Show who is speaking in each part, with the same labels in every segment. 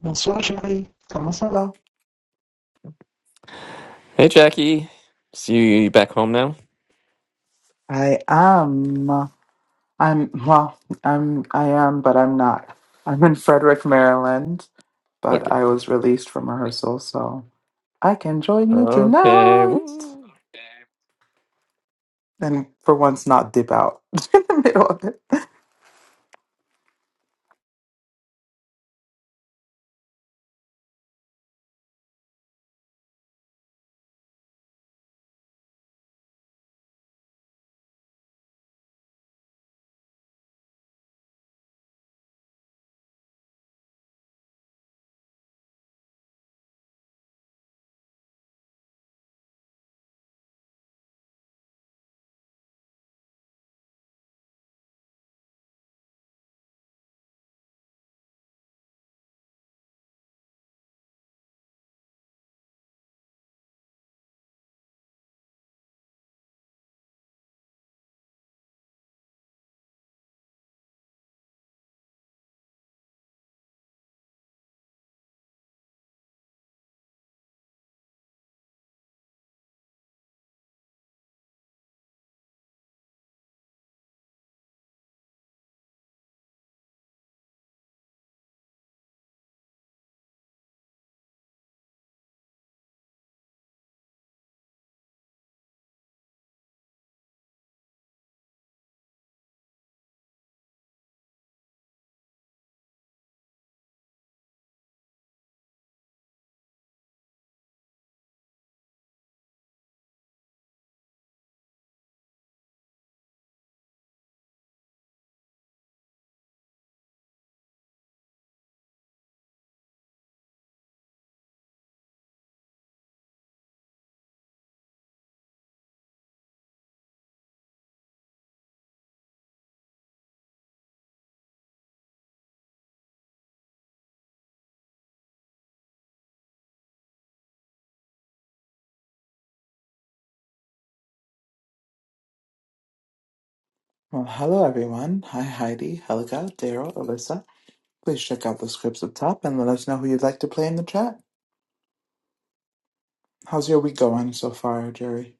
Speaker 1: Bonsoir Jerry, comment ça va?
Speaker 2: Hey, Jackie. See you back home now?
Speaker 1: I am. I'm well. I'm. I am, but I'm not. I'm in Frederick, Maryland, but
Speaker 2: Okay.
Speaker 1: I was released from rehearsal, so I can join you
Speaker 2: Okay.
Speaker 1: tonight.
Speaker 2: Woo.
Speaker 1: And for once, not dip out in the middle of it. Well, hello everyone. Hi Heidi, Helga, Daryl, Alyssa. Please check out the scripts up top and let us know who you'd like to play in the chat. How's your week going so far, Jerry?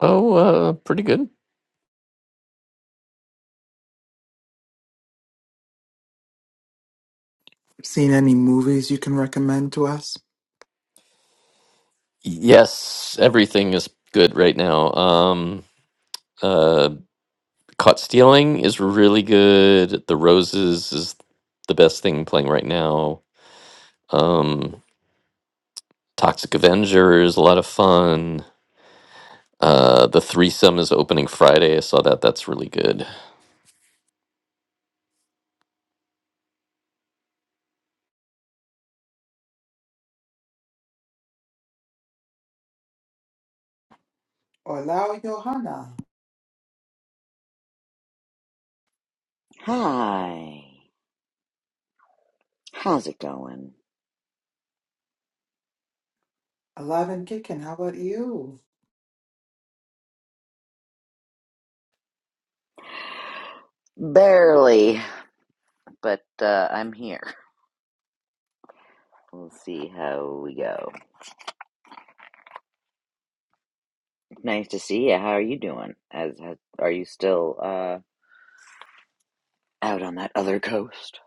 Speaker 2: Oh, uh, pretty good.
Speaker 1: Seen any movies you can recommend to us?
Speaker 2: Yes, everything is good right now. Um, uh, Caught Stealing is really good. The Roses is the best thing playing right now. Um, Toxic Avenger is a lot of fun. Uh, the threesome is opening Friday. I saw that. That's really good.
Speaker 1: Hola, Johanna.
Speaker 3: Hi. How's it going?
Speaker 1: Alive and kicking. How about you?
Speaker 3: Barely, but uh, I'm here. We'll see how we go. Nice to see you. How are you doing? As, as are you still uh out on that other coast?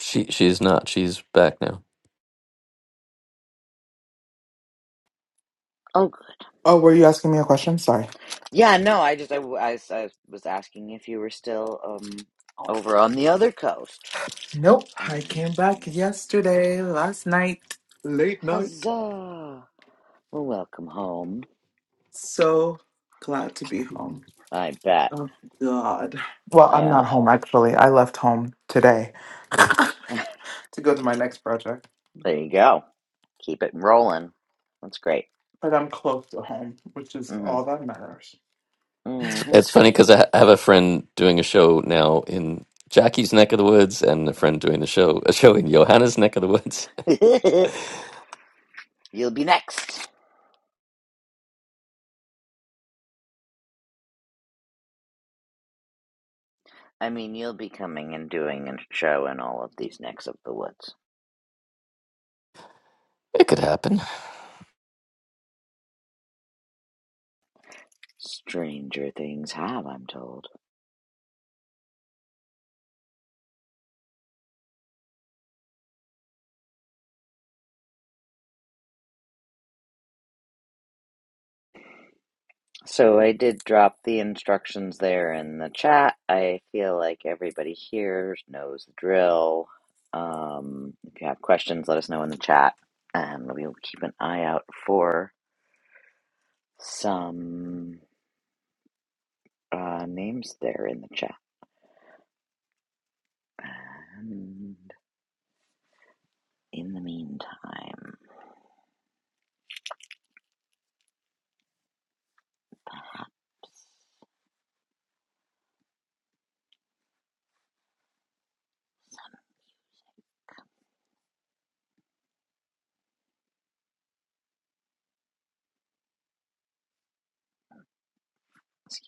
Speaker 2: She she's not. She's back now.
Speaker 3: Oh, good.
Speaker 1: Oh, were you asking me a question? Sorry.
Speaker 3: Yeah, no, I just I I I was asking if you were still um over on the other coast.
Speaker 1: Nope.
Speaker 3: And
Speaker 1: I came
Speaker 3: you
Speaker 1: back
Speaker 3: know,
Speaker 1: yesterday, last night, late night.
Speaker 3: huzzah! Well, welcome home.
Speaker 1: So glad to be home.
Speaker 3: I bet.
Speaker 1: Oh, God. Well, I'm
Speaker 3: Yeah,
Speaker 1: not home actually. I left home today to go to my next project,
Speaker 3: there you go. Keep it rolling. That's great.
Speaker 1: but I'm close to home, which is
Speaker 3: Mm-hmm.
Speaker 1: all that matters.
Speaker 3: Mm-hmm.
Speaker 2: It's funny because I ha- I have a friend doing a show now in Jackie's neck of the woods, and a friend doing the show a show in Johanna's neck of the woods.
Speaker 3: you'll be next. I mean, you'll be coming and doing a show in all of these necks of the woods.
Speaker 2: It could happen.
Speaker 3: Stranger things have, I'm told. So I did drop the instructions there in the chat. I feel like everybody here knows the drill. Um, if you have questions, let us know in the chat, and we'll keep an eye out for some uh, names there in the chat. And in the meantime. excuse.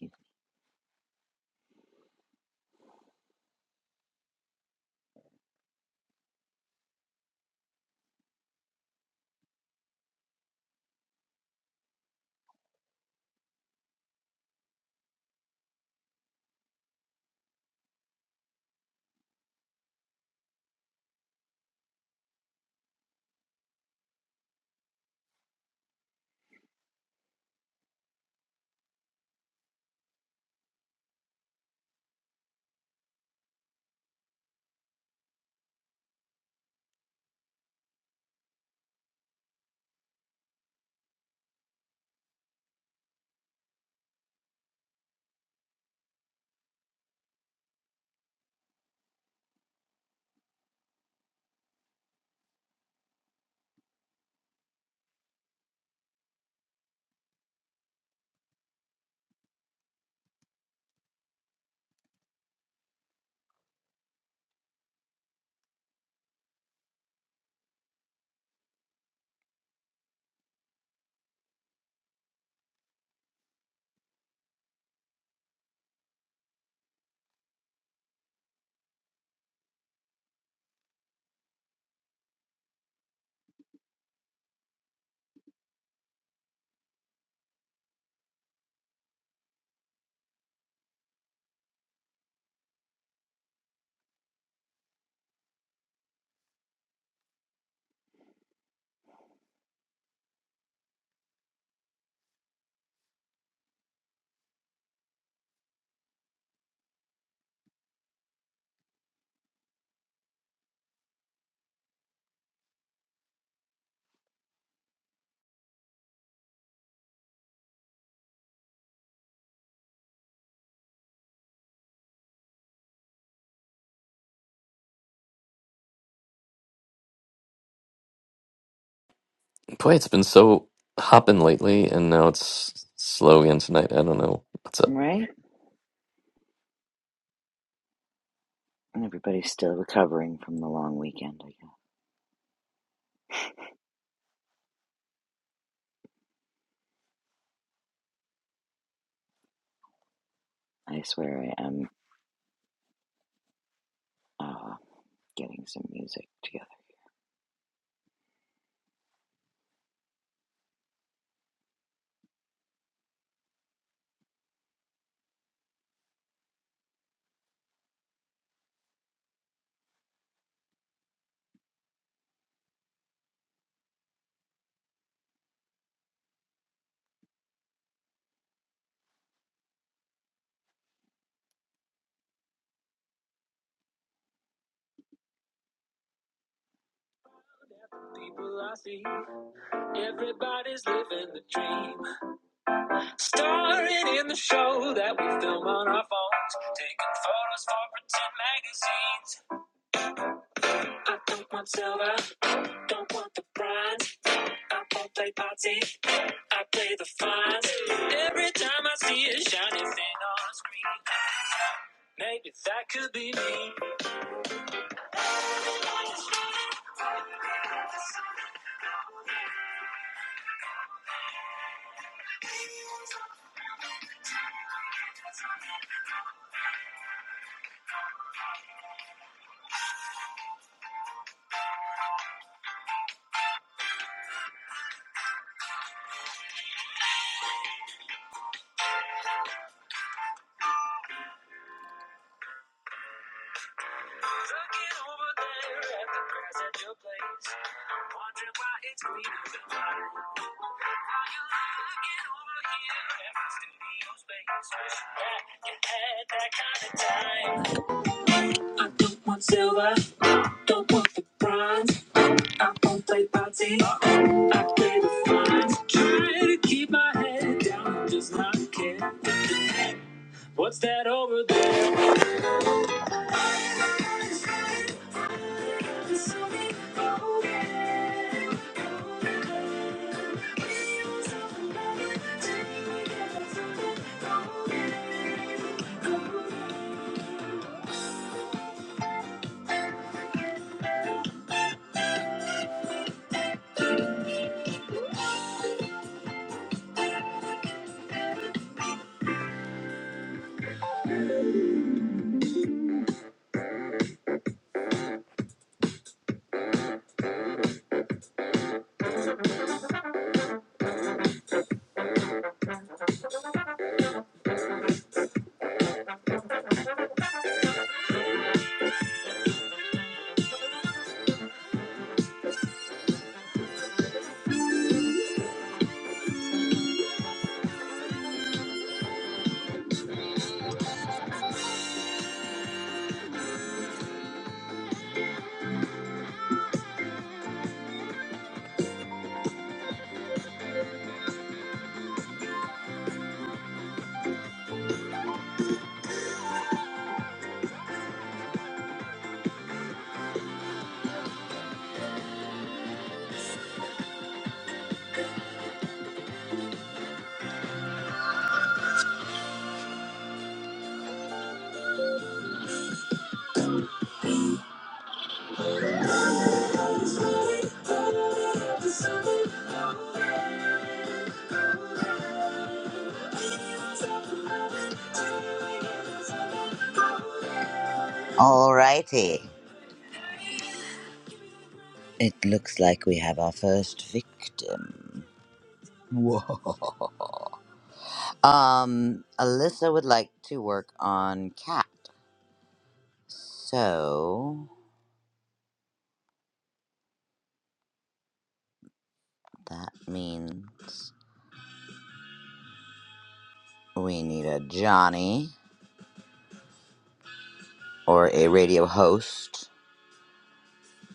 Speaker 2: Boy, it's been so hopping lately, and now it's slow again tonight. I don't know what's up.
Speaker 3: Right? And Everybody's still recovering from the long weekend. I guess. I swear I am uh, getting some music together. People I see, everybody's living the dream. Starring in the show that we film on our phones, taking photos for pretend magazines. I think myself out. Don't want the bronze. I won't play party. I play the fines. Every time I see a shiny thing on screen, maybe that could be me. Looking over there at the grass at your place, I'm wondering why it's greener than mine. Now you're looking over here at my studio space, wishing that you had that kind of time. I don't want silver, don't want the bronze. I won't play party. I play the fine. Try to keep my head down and just not care. What's that over there? Alrighty. It looks like we have our first victim. Whoa. Um, Alyssa would like to work on cat. So that means we need a Johnny or a radio host.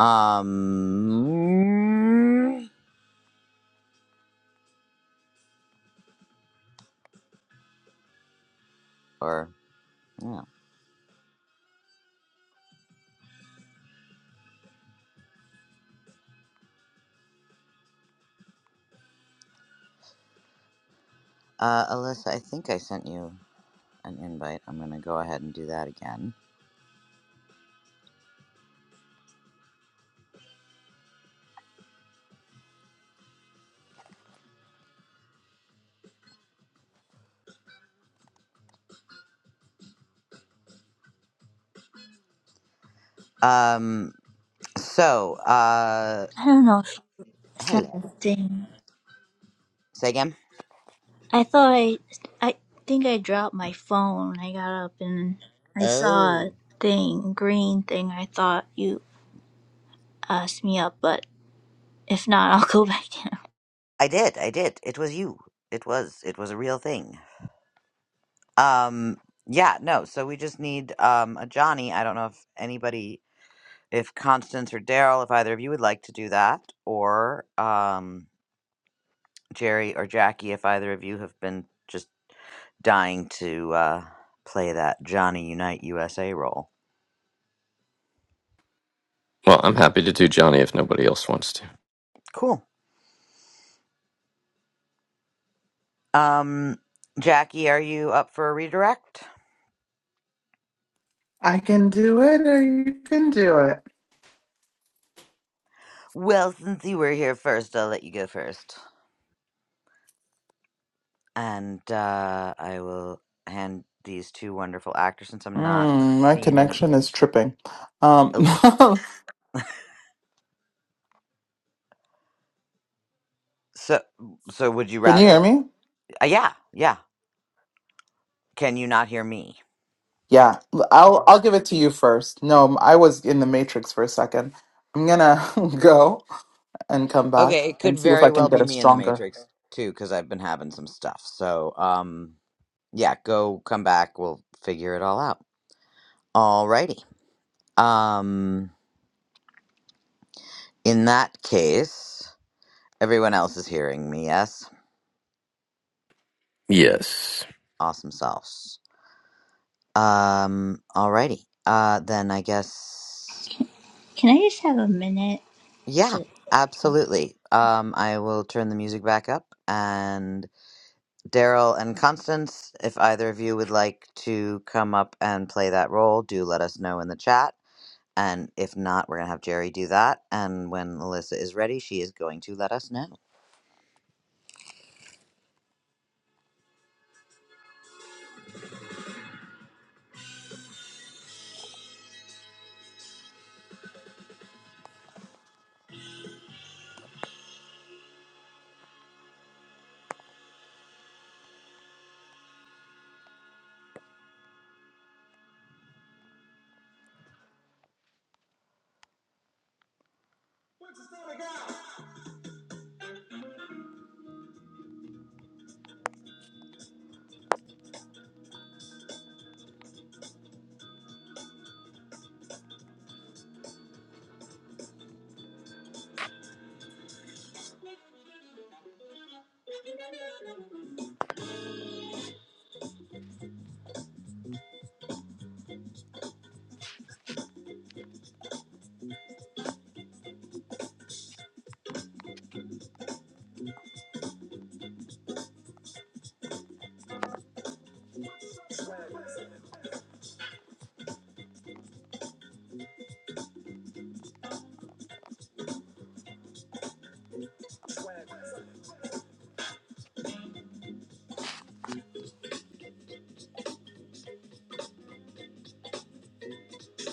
Speaker 3: Um, or yeah. Uh, Alyssa, I think I sent you an invite. I'm gonna go ahead and do that again. Um, so uh,
Speaker 4: I don't know. It's not
Speaker 3: hello.
Speaker 4: a thing.
Speaker 3: Say again.
Speaker 4: I thought I, I think I dropped my phone. I got up and I saw
Speaker 3: Oh.
Speaker 4: a thing, green thing. I thought you asked me up, but if not, I'll go back down.
Speaker 3: I did. I did. It was you. It was. It was a real thing. Um. Yeah. No. So we just need um a Johnny. I don't know if anybody, if Constance or Daryl, if either of you would like to do that, or um Jerry or Jackie, if either of you have been just dying to uh play that Johnny Unite USA role.
Speaker 2: Well, I'm happy to do Johnny if nobody else wants to.
Speaker 3: Cool. Um. Jackie, are you up for a redirect?
Speaker 1: I can do it or you can do it.
Speaker 3: Well, since you were here first, I'll let you go first. and uh, I will hand these two wonderful actors since I'm not
Speaker 1: Mm, my
Speaker 3: seeing any.
Speaker 1: connection is tripping. Um,
Speaker 3: Oh,
Speaker 1: can
Speaker 3: so so would you
Speaker 1: you hear
Speaker 3: rather?
Speaker 1: me?
Speaker 3: Uh, yeah, yeah. Can you not hear me?
Speaker 1: Yeah, l- I'll I'll give it to you first. No, I was in the matrix for a second. I'm gonna go and come back
Speaker 3: Okay, it
Speaker 1: and
Speaker 3: could
Speaker 1: see if I
Speaker 3: very
Speaker 1: can
Speaker 3: well
Speaker 1: get
Speaker 3: be
Speaker 1: a
Speaker 3: me in the
Speaker 1: stronger.
Speaker 3: Matrix too, because I've been having some stuff. So um, yeah, go come back. We'll figure it all out. Alrighty. Um, in that case, everyone else is hearing me. Yes,
Speaker 2: Yes.
Speaker 3: awesome sauce. Um, alrighty. Uh, then I guess.
Speaker 4: Can I just have a minute?
Speaker 3: Yeah,
Speaker 4: To,
Speaker 3: absolutely. Um, I will turn the music back up. And Daryl and Constance, if either of you would like to come up and play that role, do let us know in the chat. And if not, we're going to have Jerry do that. And when Alyssa is ready, she is going to let us know.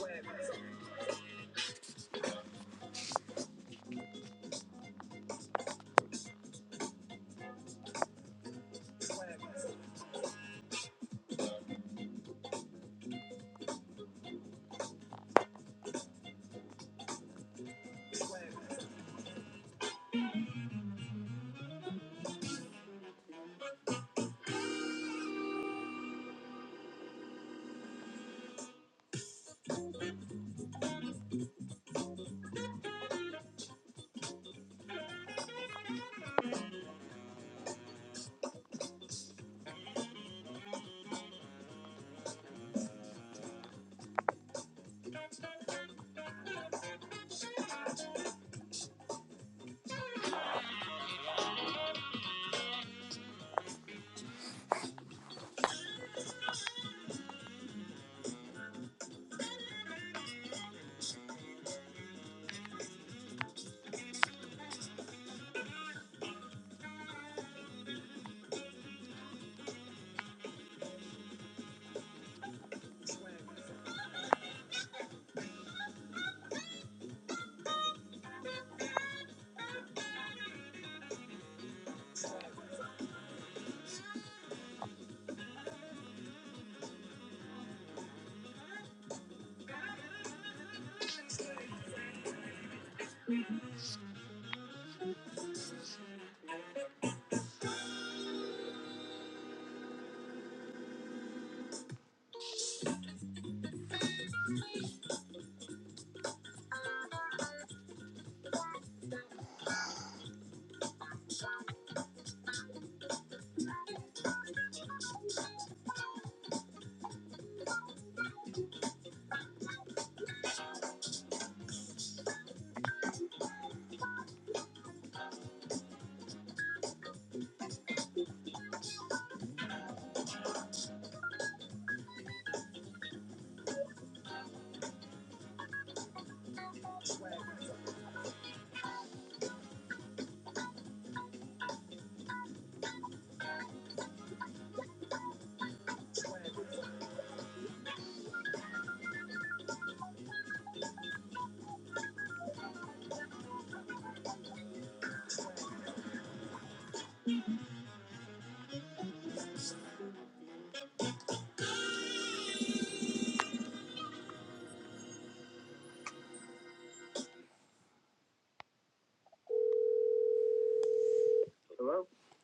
Speaker 3: Hello.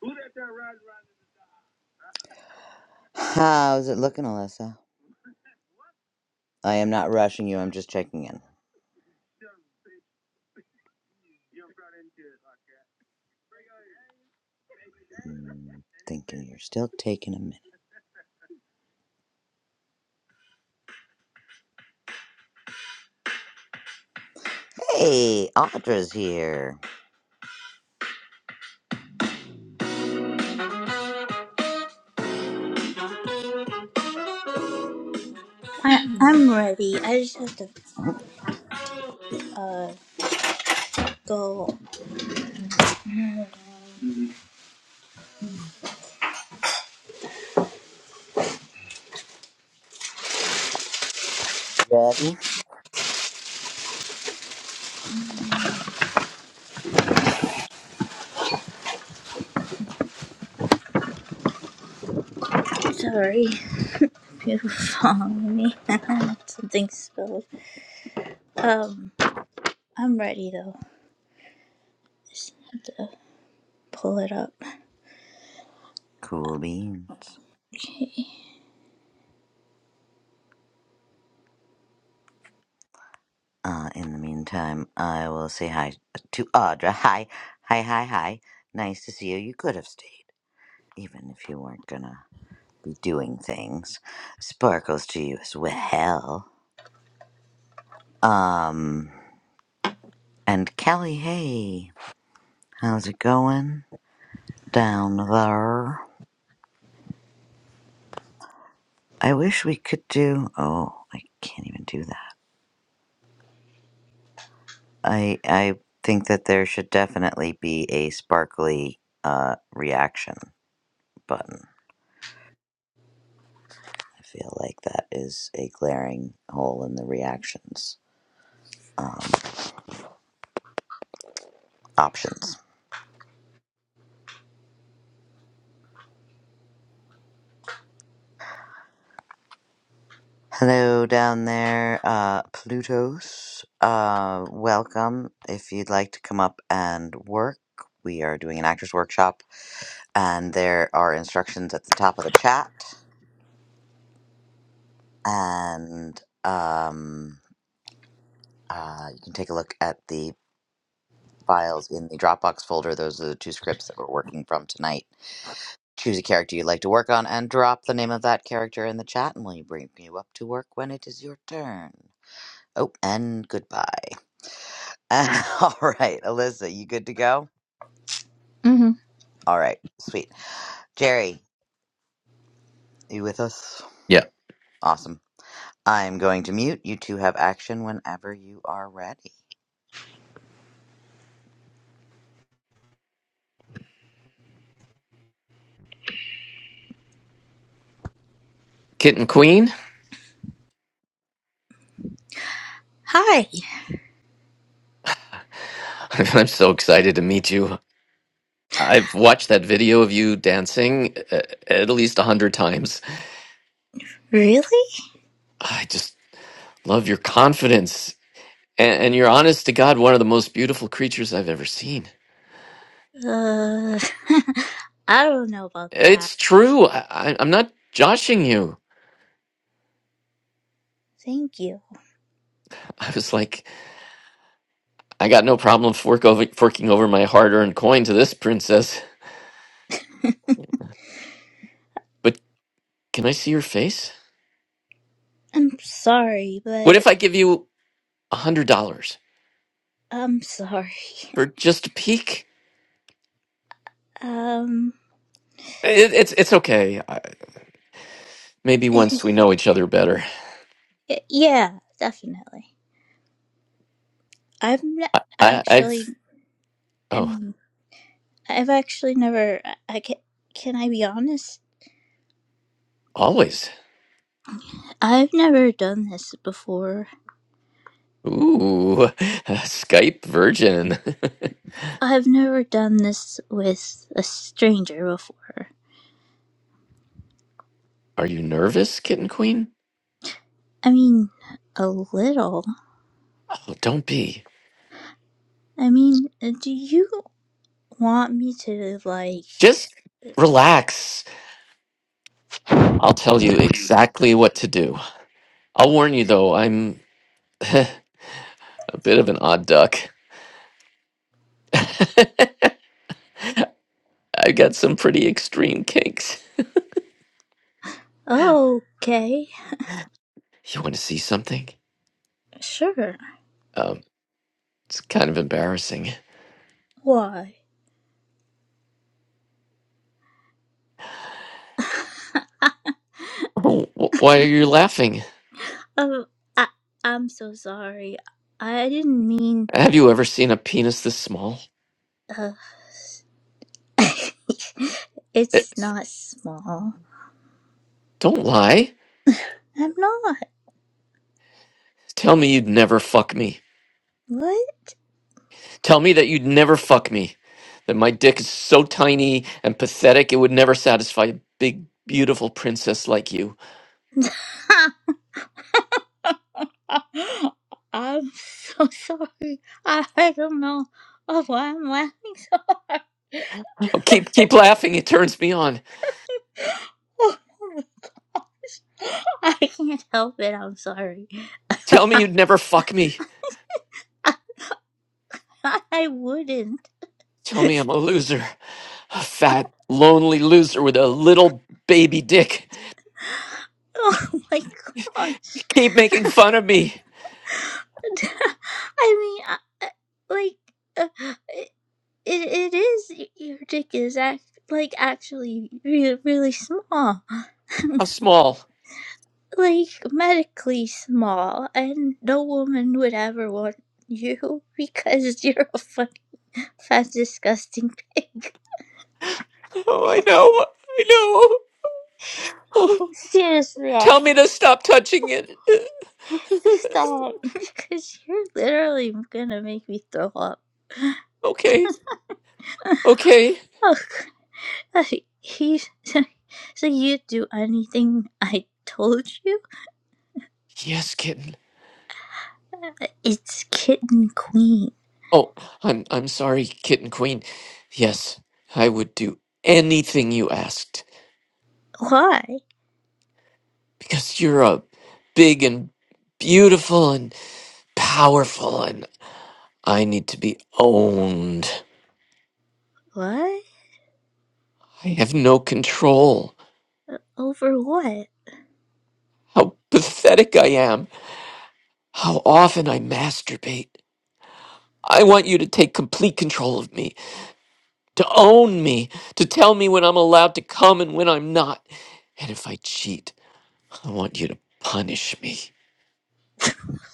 Speaker 3: Who that? there riding around? How's it looking, Alyssa? I am not rushing you. I'm just checking in. Mm, thinking you're still taking a minute. Hey, Audra's here.
Speaker 4: I, I'm ready. I just have to uh go.
Speaker 3: Ready?
Speaker 4: Sorry, people following me. Something spilled. Um, I'm ready though. Just have to pull it up.
Speaker 3: Cool beans.
Speaker 4: Okay.
Speaker 3: Uh, in the meantime, I will say hi to Audra. Hi, hi, hi, hi. Nice to see you. You could have stayed, even if you weren't gonna be doing things. Sparkles to you as well. Um, and Kelly, hey, how's it going down there? I wish we could do. Oh, I can't even do that. I I think that there should definitely be a sparkly uh reaction. button. I feel like that is a glaring hole in the reactions um, options. Hello down there, uh, Plutos. Uh, welcome. If you'd like to come up and work, we are doing an actors workshop, and there are instructions at the top of the chat, and um, uh, you can take a look at the files in the Dropbox folder. Those are the two scripts that we're working from tonight Choose a character you'd like to work on and drop the name of that character in the chat, and we'll bring you up to work when it is your turn. Oh, and goodbye. All right, Alyssa, you good to go?
Speaker 4: hmm
Speaker 3: All right, sweet. Jerry, you with us?
Speaker 2: Yeah.
Speaker 3: Awesome. I'm going to mute. You two have action whenever you are ready.
Speaker 2: Kitten Queen,
Speaker 4: Hi.
Speaker 2: I'm so excited to meet you. I've watched that video of you dancing uh, at least a hundred times.
Speaker 4: Really?
Speaker 2: I just love your confidence and, and you're honest to God, one of the most beautiful creatures I've ever seen.
Speaker 4: Uh, I don't know about that.
Speaker 2: It's true. I, I, I'm not joshing you.
Speaker 4: Thank you.
Speaker 2: I was like, I got no problem fork over, forking over my hard earned coin to this princess, but can I see your face?
Speaker 4: I'm sorry,
Speaker 2: What
Speaker 4: but
Speaker 2: if I give you a $100
Speaker 4: I'm sorry.
Speaker 2: for just a peek?
Speaker 4: Um,
Speaker 2: It, it's, it's okay. I, maybe once we know each other better.
Speaker 4: yeah, definitely. I've n-
Speaker 2: I, I, I
Speaker 4: actually, I
Speaker 2: oh,
Speaker 4: mean, I've actually never. I, I can. Can I be honest?
Speaker 2: always.
Speaker 4: I've never done this before.
Speaker 2: Ooh, Skype virgin.
Speaker 4: I've never done this with a stranger before.
Speaker 2: Are you nervous, kitten queen?
Speaker 4: I mean, a little.
Speaker 2: Oh, don't be.
Speaker 4: I mean, do you want me to like?
Speaker 2: Just relax. I'll tell you exactly what to do. I'll warn you though, I'm a bit of an odd duck. I've got some pretty extreme kinks.
Speaker 4: Okay,
Speaker 2: You want to see something?
Speaker 4: sure.
Speaker 2: Um, it's kind of embarrassing.
Speaker 4: Why?
Speaker 2: Oh, wh- why are you laughing?
Speaker 4: Um, I I'm so sorry. I didn't mean.
Speaker 2: Have you ever seen a penis this small?
Speaker 4: Uh, it's
Speaker 2: It's,
Speaker 4: not small.
Speaker 2: don't lie.
Speaker 4: I'm not.
Speaker 2: Tell me you'd never fuck me.
Speaker 4: What?
Speaker 2: Tell me that you'd never fuck me. That my dick is so tiny and pathetic it would never satisfy a big, beautiful princess like you.
Speaker 4: I'm so sorry. I I don't know of why I'm laughing.
Speaker 2: Oh, keep keep laughing. It turns me on.
Speaker 4: I can't help it. I'm sorry.
Speaker 2: Tell me
Speaker 4: I,
Speaker 2: you'd never fuck me.
Speaker 4: I, wouldn't.
Speaker 2: Tell me I'm a loser, a fat, lonely loser with a little baby dick.
Speaker 4: Oh my
Speaker 2: You
Speaker 4: gosh.
Speaker 2: keep making fun of me.
Speaker 4: I mean, I, I- like. uh, It, it is your dick is Act, like actually, really, really small.
Speaker 2: I'm small.
Speaker 4: like medically small, and no woman would ever want you because you're a fucking fat, disgusting pig.
Speaker 2: Oh, I know. I know.
Speaker 4: Seriously,
Speaker 2: Tell me to stop touching it.
Speaker 4: stop because you're literally gonna make me throw up.
Speaker 2: okay. Okay.
Speaker 4: Oh, Like, he, so you do anything I told you?
Speaker 2: Yes, kitten.
Speaker 4: It's kitten queen.
Speaker 2: Oh, I'm I'm sorry, kitten queen. Yes, I would do anything you asked.
Speaker 4: Why?
Speaker 2: because you're a big and beautiful and powerful and I need to be owned.
Speaker 4: What?
Speaker 2: I have no control.
Speaker 4: Over what?
Speaker 2: How pathetic I am. How often I masturbate. I want you to take complete control of me, to own me, to tell me when I'm allowed to come and when I'm not. And if I cheat, I want you to punish me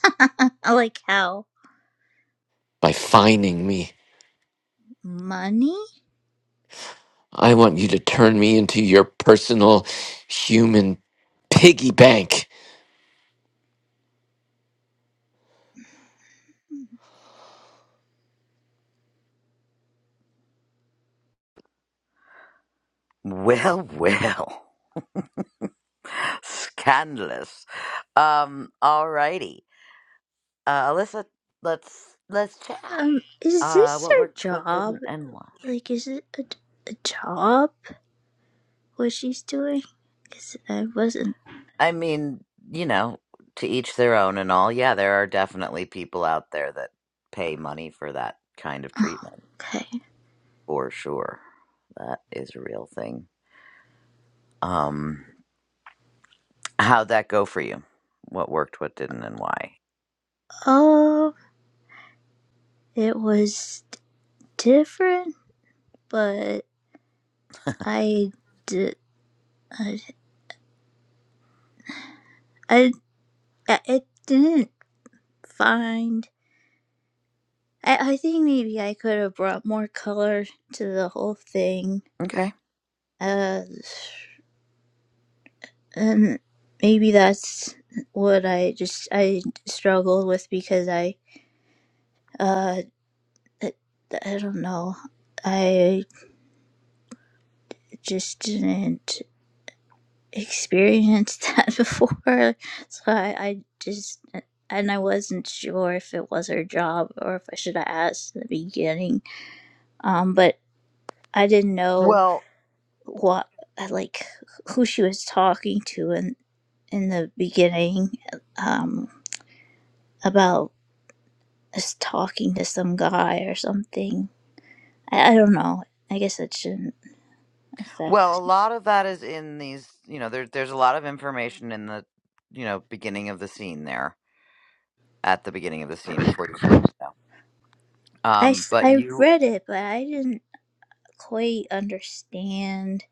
Speaker 4: like how?
Speaker 2: by fining me.
Speaker 4: Money?
Speaker 2: I want you to turn me into your personal human piggy bank.
Speaker 3: Well, well. Scandalous. Um, all righty. Uh, Alyssa, let's let's chat.
Speaker 4: Um, is
Speaker 3: Uh,
Speaker 4: this
Speaker 3: what
Speaker 4: her
Speaker 3: worked, what
Speaker 4: job?
Speaker 3: didn't, and why?
Speaker 4: Like, is it a, a job? What she's doing? Cause I wasn't.
Speaker 3: I mean, you know, to each their own and all. Yeah, there are definitely people out there that pay money for that kind of treatment,
Speaker 4: Okay.
Speaker 3: for sure. That is a real thing. Um, how'd that go for you? What worked, what didn't, and why?
Speaker 4: Oh, it was different, but I did. I, I, I didn't find. I, I think maybe I could have brought more color to the whole thing.
Speaker 3: Okay.
Speaker 4: Uh, and maybe that's what I just I struggled with because I uh I, I don't know I just didn't experience that before so I, I just and I wasn't sure if it was her job or if I should have asked in the beginning um but I didn't know
Speaker 3: Well,
Speaker 4: what like who she was talking to in in the beginning um about. is talking to some guy or something. I, I don't know. I guess it shouldn't
Speaker 3: well, a
Speaker 4: affect.
Speaker 3: lot of that is in these, you know, there, there's a lot of information in the, you know, beginning of the scene there, at the beginning of the scene before you. Yeah.
Speaker 4: I,
Speaker 3: Um,
Speaker 4: s-
Speaker 3: but
Speaker 4: I
Speaker 3: you
Speaker 4: read it, but I didn't quite understand.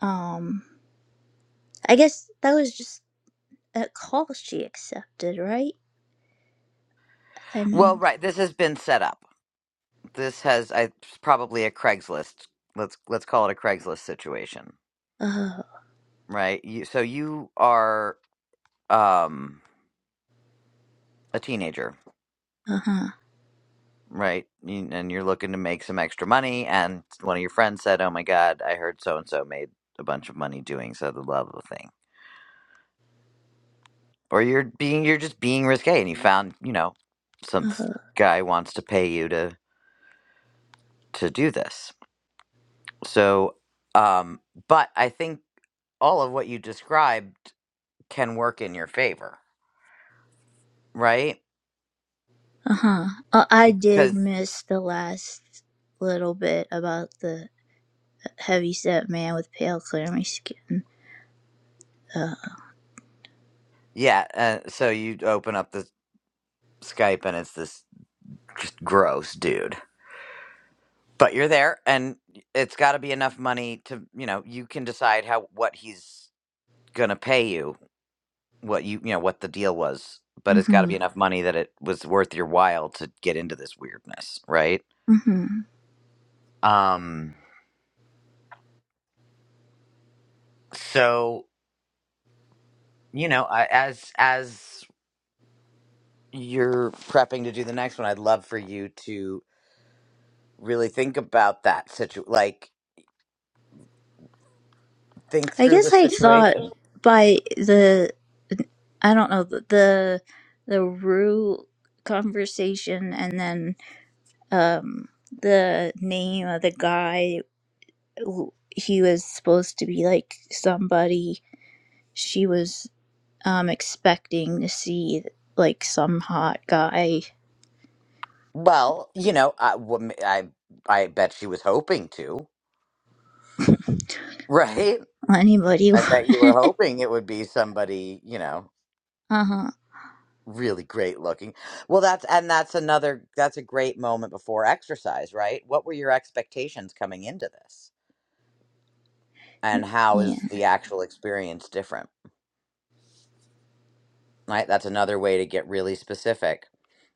Speaker 4: Um, I guess that was just a call she accepted, right? I
Speaker 3: Well,
Speaker 4: mean,
Speaker 3: right. This has been set up. This has I it's probably a Craigslist. Let's let's call it a Craigslist situation,
Speaker 4: uh,
Speaker 3: right? You, so you are um, a teenager,
Speaker 4: uh-huh,
Speaker 3: right? You, and you're looking to make some extra money. And one of your friends said, "Oh my God, I heard so and so made a bunch of money doing so the love of thing." Or you're being you're just being risque, and you found you know some th-
Speaker 4: uh-huh,
Speaker 3: guy wants to pay you to to do this So, um, but I think all of what you described can work in your favor, right?
Speaker 4: uh-huh. Uh, I did
Speaker 3: Because
Speaker 4: miss the last little bit about the heavyset man with pale, clammy skin. Uh,
Speaker 3: yeah, uh, so you open up the Skype and it's this just gross dude. But you're there, and it's got to be enough money to you know you can decide how what he's gonna pay you, what you you know what the deal was. But it's got to
Speaker 4: mm-hmm,
Speaker 3: be enough money that it was worth your while to get into this weirdness, right?
Speaker 4: mm-hmm.
Speaker 3: Um, so you know I- as as you're prepping to do the next one, I'd love for you to really think about that situ like think
Speaker 4: I
Speaker 3: through the
Speaker 4: guess I thought
Speaker 3: situation.
Speaker 4: by the I don't know the the, the Rue conversation, and then um, the name of the guy who he was supposed to be like somebody she was um, expecting to see, like some hot guy.
Speaker 3: Well, you know, I, wha- I I bet she was hoping to, right?
Speaker 4: Anybody?
Speaker 3: I bet you
Speaker 4: uh
Speaker 3: were hoping it would be somebody, you know,
Speaker 4: huh.
Speaker 3: really great looking. Well, that's and that's another that's a great moment before exercise, right? What were your expectations coming into this? And how
Speaker 4: Yeah.
Speaker 3: is the actual experience different? right? That's another way to get really specific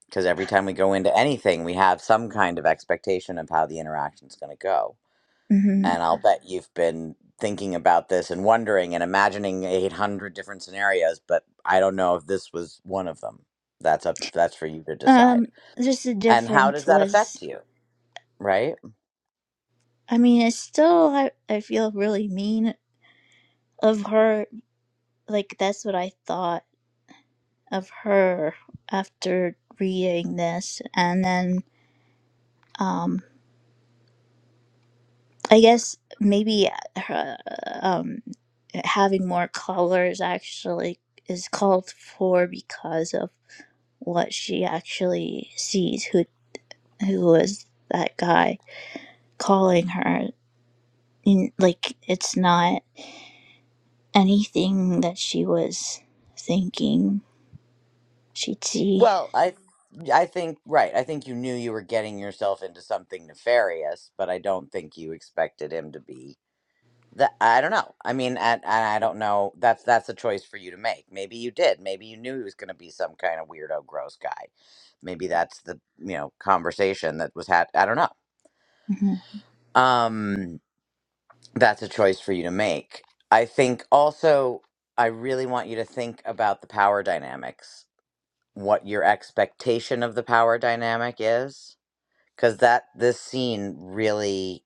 Speaker 3: because every time we go into anything, we have some kind of expectation of how the interaction is going to go.
Speaker 4: hmm
Speaker 3: And I'll Mhm. bet you've been thinking about this and wondering and imagining 800 different scenarios, but I don't know if this was one of them. That's up that's for you to decide.
Speaker 4: Um. Just the
Speaker 3: And how does
Speaker 4: difference
Speaker 3: that
Speaker 4: was,
Speaker 3: affect you, right?
Speaker 4: I mean, it's still I, I feel really mean of her. Like that's what I thought of her after reading this and then um i guess maybe her, um having more colors actually is called for because of what she actually sees who who is that guy calling her In- like it's not anything that she was thinking she'd see
Speaker 3: Well, I I think right. I think you knew you were getting yourself into something nefarious, but I don't think you expected him to be That I don't know. I mean, and, and I don't know. That's that's a choice for you to make. Maybe you did. Maybe you knew he was going to be some kind of weirdo, gross guy. Maybe that's the you know conversation that was had. I don't know.
Speaker 4: Mhm.
Speaker 3: Um, that's a choice for you to make. I think also I really want you to think about the power dynamics. What your expectation of the power dynamic is, because that this scene really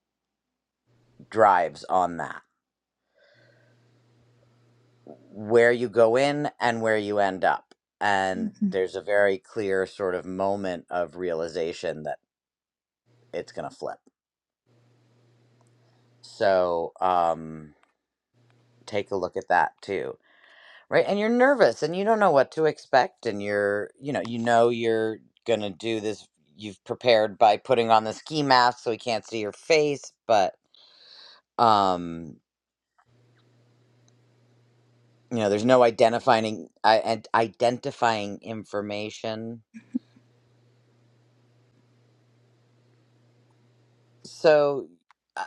Speaker 3: drives on that where you go in and where you end up. And
Speaker 4: Mhm.
Speaker 3: there's a very clear sort of moment of realization that it's going to flip. So um, take a look at that too. Right. And you're nervous and you don't know what to expect. And you're, you know, you know, you're going to do this. You've prepared by putting on the ski mask so he can't see your face. But, um, you know, there's no identifying, I, and identifying information. So uh,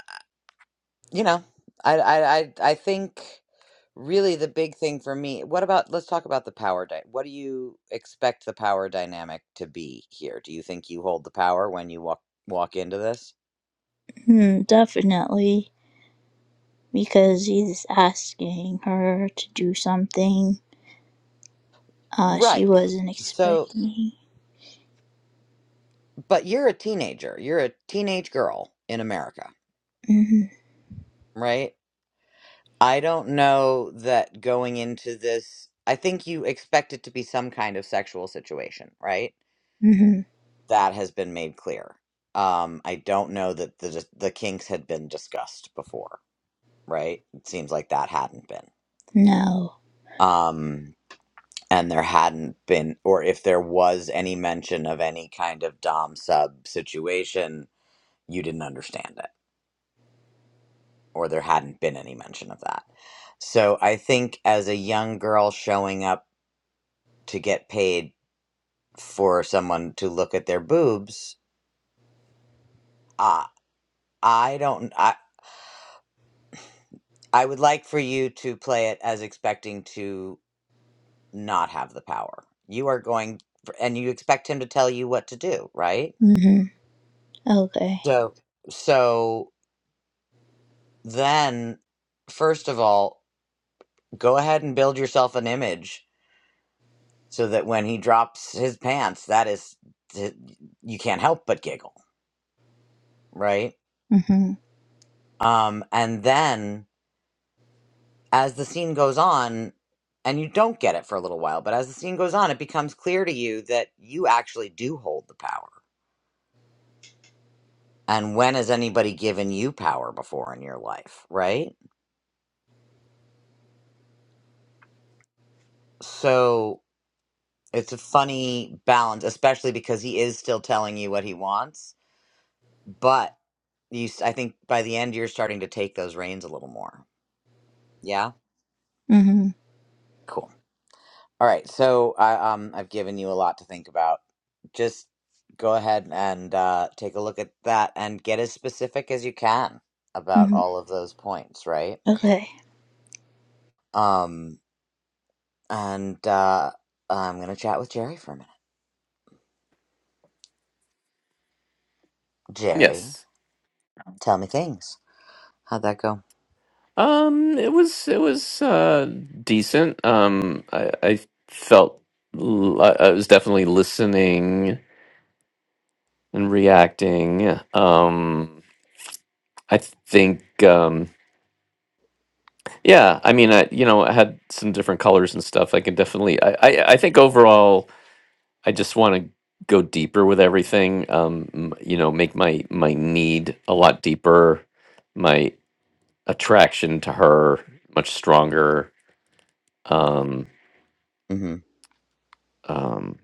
Speaker 3: you know, I I I I think really the big thing for me. What about let's talk about the power dy What do you expect the power dynamic to be here? Do you think you hold the power when you walk walk into this?
Speaker 4: Hmm, definitely because he's asking her to do something uh, she
Speaker 3: Right.
Speaker 4: wasn't
Speaker 3: So,
Speaker 4: expecting.
Speaker 3: but you're a teenager. You're a teenage girl in America,
Speaker 4: hmm
Speaker 3: right? I don't know that going into this, I think you expect it to be some kind of sexual situation, right?
Speaker 4: hmm
Speaker 3: That has been made clear. Um, I don't know that the the kinks had been discussed before, right? It seems like that hadn't been.
Speaker 4: No.
Speaker 3: Um, and there hadn't been, or if there was any mention of any kind of dom sub situation, you didn't understand it, or there hadn't been any mention of that. So I think as a young girl showing up to get paid for someone to look at their boobs, uh, I don't. I. I would like for you to play it as expecting to not have the power. You are going for, and you expect him to tell you what to do, right?
Speaker 4: hmm Okay.
Speaker 3: So so then first of all, go ahead and build yourself an image so that when he drops his pants, that is you can't help but giggle, right?
Speaker 4: hmm
Speaker 3: Um and then as the scene goes on, and you don't get it for a little while, but as the scene goes on, it becomes clear to you that you actually do hold the power And when has anybody given you power before in your life, right? So it's a funny balance, especially because he is still telling you what he wants, but you s- I think by the end you're starting to take those reins a little more. Yeah?
Speaker 4: hmm
Speaker 3: Cool. All right. So I um I've given you a lot to think about. Just go ahead and uh take a look at that and get as specific as you can about
Speaker 4: hmm
Speaker 3: all of those points, right?
Speaker 4: Okay.
Speaker 3: Um and uh I'm going to chat with Jerry for a minute. Jerry,
Speaker 2: Yes.
Speaker 3: tell me things. How'd that go?
Speaker 2: Um it was it was uh decent. Um I I felt l- I I was definitely listening and reacting. Um I think um yeah, I mean I you know, I had some different colors and stuff. I can definitely I I, I think overall I just want to go deeper with everything. Um m- you know, make my my need a lot deeper, my attraction to her much stronger. Um
Speaker 3: Mm
Speaker 2: Um,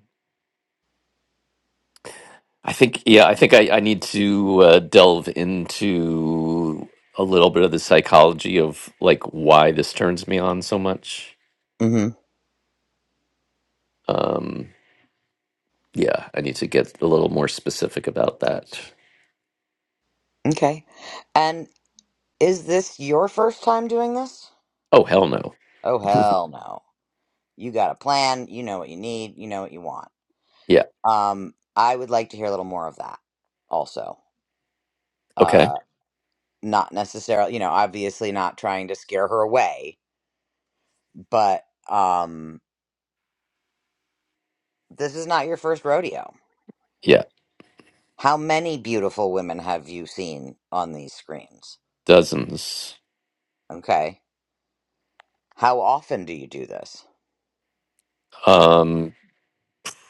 Speaker 2: I think, yeah, I think I, I need to uh, delve into a little bit of the psychology of like why this turns me on so much.
Speaker 3: hmm. Mm
Speaker 2: Um, yeah, I need to get a little more specific about that.
Speaker 3: hmm. Okay. And is this your first time doing this?
Speaker 2: Oh, hell no.
Speaker 3: Oh, hell no. You got a plan. You know what you need. You know what you want.
Speaker 2: Yeah.
Speaker 3: Um, I would like to hear a little more of that also.
Speaker 2: Okay.
Speaker 3: Uh, not necessarily, you know, obviously not trying to scare her away, but um, this is not your first rodeo.
Speaker 2: Yeah.
Speaker 3: How many beautiful women have you seen on these screens?
Speaker 2: Dozens.
Speaker 3: Okay. How often do you do this?
Speaker 2: Um,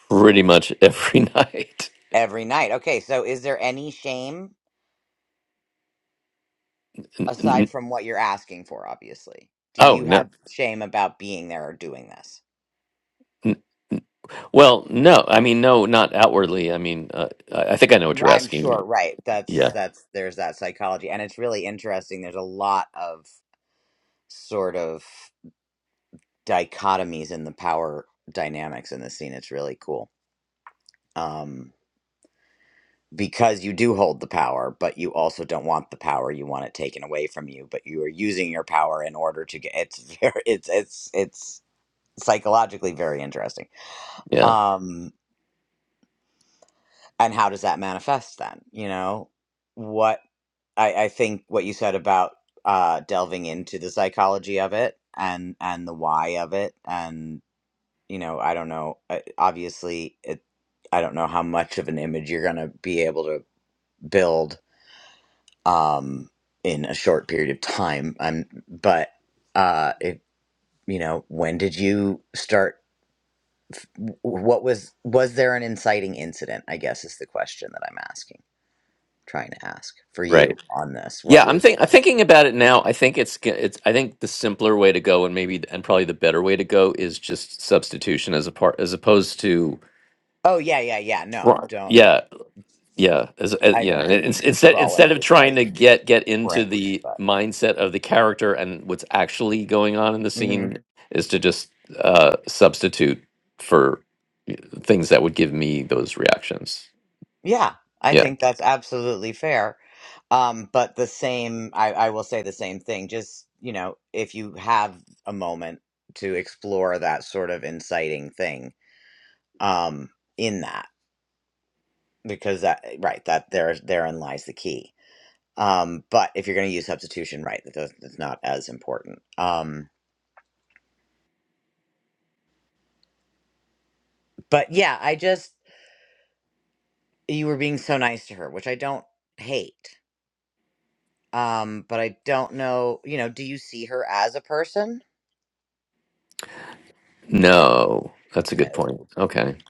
Speaker 2: pretty much every night.
Speaker 3: Every night. Okay, so is there any shame
Speaker 2: N-
Speaker 3: aside
Speaker 2: n-
Speaker 3: from what you're asking for, obviously? Do
Speaker 2: Oh,
Speaker 3: you
Speaker 2: no.
Speaker 3: have shame about being there or doing this?
Speaker 2: N- Well, no. I mean, no, not outwardly. I mean, uh, I I think I know what you're
Speaker 3: I'm sure,
Speaker 2: asking.
Speaker 3: right. That's
Speaker 2: Yeah.
Speaker 3: that's there's that psychology and it's really interesting. There's a lot of sort of dichotomies in the power dynamics in the scene. It's really cool. Um because you do hold the power, but you also don't want the power. You want it taken away from you, but you are using your power in order to get it's very it's it's it's psychologically very interesting.
Speaker 2: Yeah.
Speaker 3: Um, and how does that manifest then? You know, what I, I think what you said about uh, delving into the psychology of it and and the why of it, and you know, I don't know. uh, Obviously, it, I don't know how much of an image you're gonna be able to build um, in a short period of time. I'm, but uh, it, you know, when did you start? what was was there an inciting incident i guess is the question that i'm asking trying to ask for
Speaker 2: Right.
Speaker 3: you on this
Speaker 2: Yeah,
Speaker 3: what
Speaker 2: I'm
Speaker 3: was
Speaker 2: think I'm thinking about it now. I think it's g- it's I think the simpler way to go and maybe and probably the better way to go is just substitution as a part as opposed to
Speaker 3: oh yeah yeah yeah no
Speaker 2: Right.
Speaker 3: don't
Speaker 2: yeah, yeah, as, as
Speaker 3: i
Speaker 2: yeah,
Speaker 3: don't
Speaker 2: and
Speaker 3: think you
Speaker 2: it's-
Speaker 3: need to
Speaker 2: instead
Speaker 3: crawl into
Speaker 2: instead of
Speaker 3: this
Speaker 2: trying
Speaker 3: guy's
Speaker 2: to get get into
Speaker 3: brain
Speaker 2: the
Speaker 3: but
Speaker 2: mindset of the character and what's actually going on in the
Speaker 3: Mhm.
Speaker 2: scene is to just uh substitute for uh, things that would give me those reactions.
Speaker 3: yeah i
Speaker 2: Yeah.
Speaker 3: think that's absolutely fair um but the same i i will say the same thing just you know if you have a moment to explore that sort of inciting thing um in that because that right that there therein lies the key Um, but if you're going to use substitution, right, that does- that's not as important. Um, but yeah, I just you were being so nice to her, which I don't hate. Um, but I don't know, you know, do you see her as a person?
Speaker 2: No. That's a good
Speaker 3: No.
Speaker 2: point. Okay.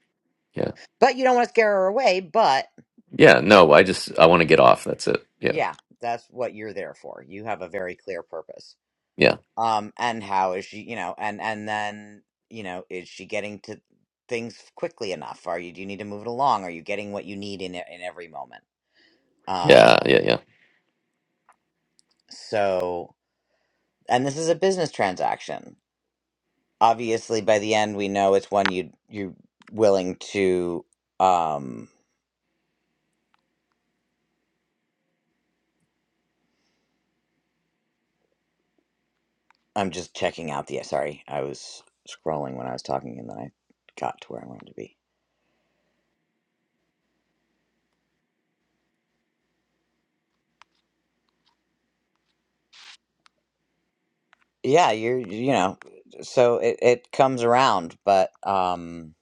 Speaker 2: Yeah.
Speaker 3: But you don't want to scare her away, but
Speaker 2: Yeah, no, I just I want to get off. That's it. Yeah.
Speaker 3: yeah, that's what you're there for. You have a very clear purpose.
Speaker 2: Yeah.
Speaker 3: Um, and how is she, you know, and and then, you know, is she getting to things quickly enough? Are you do you need to move it along? Are you getting what you need in e- in every moment?
Speaker 2: Yeah,
Speaker 3: Um,
Speaker 2: yeah, yeah.
Speaker 3: So, and this is a business transaction. Obviously, by the end, we know it's one you you're willing to. Um, I'm just checking out the. Sorry, I was scrolling when I was talking, and then I got to where I wanted to be. Yeah, you're. You know, so it it comes around, but um,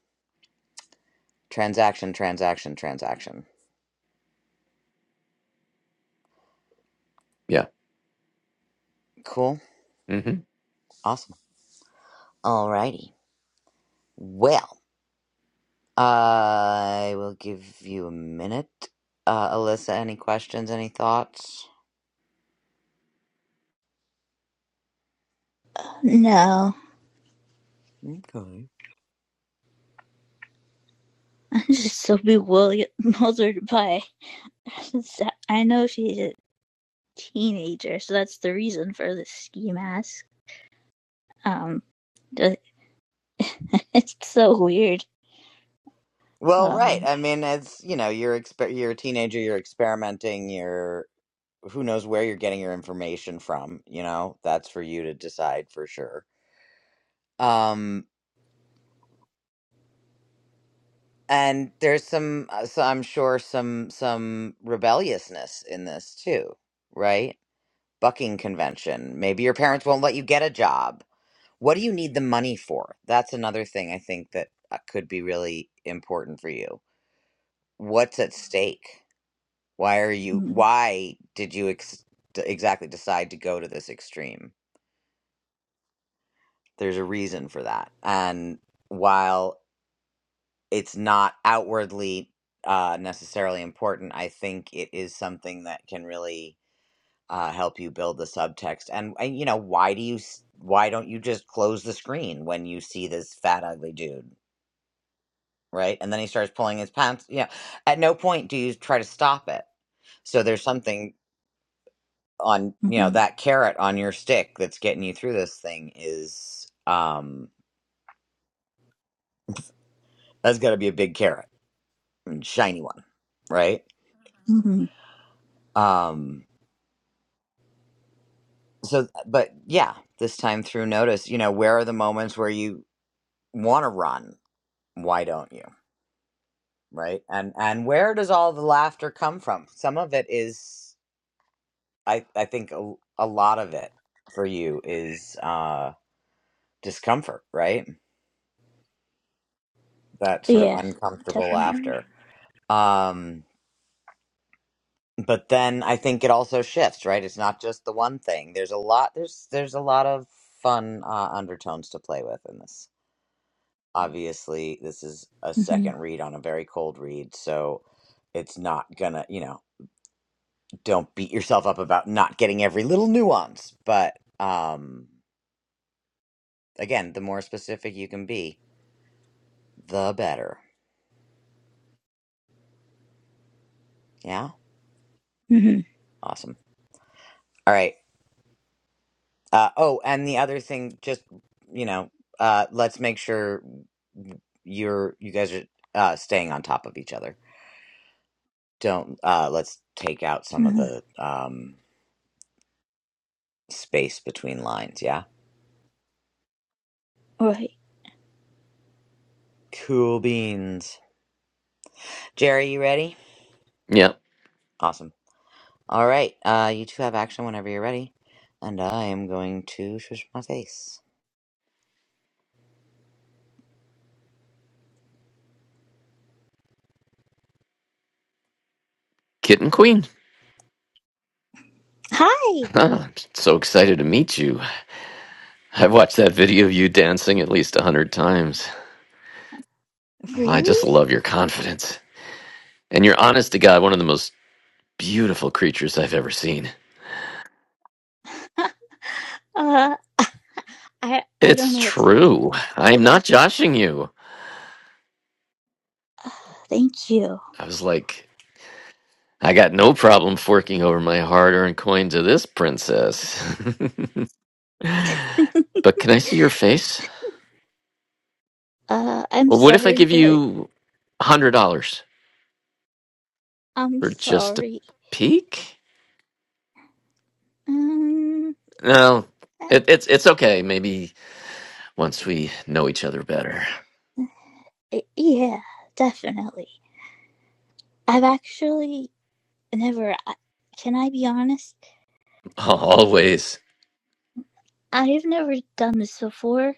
Speaker 3: transaction, transaction, transaction.
Speaker 2: Yeah.
Speaker 3: Cool,
Speaker 2: Mhm.
Speaker 3: awesome. Alrighty. Well, I will give you a minute. Uh, Alyssa, any questions? Any thoughts?
Speaker 4: No,
Speaker 3: Okay.
Speaker 4: I'm just so bewildered by. I know she's a teenager, so that's the reason for the ski mask. Um, it's so weird.
Speaker 3: Well, right.
Speaker 4: Um,
Speaker 3: I mean, it's you know, you're exper- you're a teenager, you're experimenting, you're who knows where you're getting your information from, you know? That's for you to decide for sure. Um and there's some uh, so I'm sure some some rebelliousness in this too, right? Bucking convention. Maybe your parents won't let you get a job. What do you need the money for? That's another thing I think that uh, could be really important for you. What's at stake? Why are you,
Speaker 4: mhm,
Speaker 3: why did you ex- d- exactly decide to go to this extreme? There's a reason for that. And while it's not outwardly uh, necessarily important, I think it is something that can really uh, help you build the subtext. And, and, you know, why do you, s- why don't you just close the screen when you see this fat, ugly dude? Right. And then he starts pulling his pants. Yeah. At no point do you try to stop it. So there's something on you know
Speaker 4: mhm,
Speaker 3: that carrot on your stick that's getting you through this thing is um that's got to be a big carrot and shiny one right
Speaker 4: mhm.
Speaker 3: um so but yeah this time through notice you know where are the moments where you want to run why don't you right and and where does all the laughter come from some of it is i i think a, a lot of it for you is uh discomfort right that sort of
Speaker 4: yeah,
Speaker 3: uncomfortable
Speaker 4: definitely.
Speaker 3: laughter um but then I think it also shifts, right? It's not just the one thing. There's a lot. There's there's a lot of fun uh, undertones to play with in this. Obviously, this is a
Speaker 4: hmm
Speaker 3: second read on a very cold read, so it's not gonna. You know, don't beat yourself up about not getting every little nuance. But um, again, the more specific you can be, the better. Yeah,
Speaker 4: hmm
Speaker 3: awesome. All right. Uh, oh, and the other thing, just you know, uh, let's make sure you're you guys are uh, staying on top of each other. Don't uh, let's take out some of the um, space between lines. Yeah,
Speaker 4: Right.
Speaker 3: cool beans. Jerry, you ready?
Speaker 2: Yeah.
Speaker 3: Awesome. All right, uh, you two have action whenever you're ready, and I am going to shush my face.
Speaker 2: Kitten Queen.
Speaker 4: Hi.
Speaker 2: Ah, so excited to meet you. I've watched that video of you dancing at least a hundred times. I just
Speaker 4: Really?
Speaker 2: love your confidence. And you're honest to God, one of the most beautiful creatures I've ever seen.
Speaker 4: Uh, I I don't
Speaker 2: It's
Speaker 4: know what to
Speaker 2: true. I'm not
Speaker 4: about.
Speaker 2: joshing you.
Speaker 4: Thank you.
Speaker 2: I was like, I got no problem forking over my hard earned coin to this princess. but can I see your face?
Speaker 4: Uh, I'm
Speaker 2: Well, what if I
Speaker 4: sorry,
Speaker 2: give
Speaker 4: but
Speaker 2: you a hundred dollars
Speaker 4: I'm
Speaker 2: for just a
Speaker 4: sorry.
Speaker 2: peek?
Speaker 4: Um,
Speaker 2: No,
Speaker 4: uh,
Speaker 2: it, it's it's okay. Maybe once we know each other better.
Speaker 4: yeah, definitely. I've actually never. Can I be honest?
Speaker 2: Always.
Speaker 4: I've never done this before.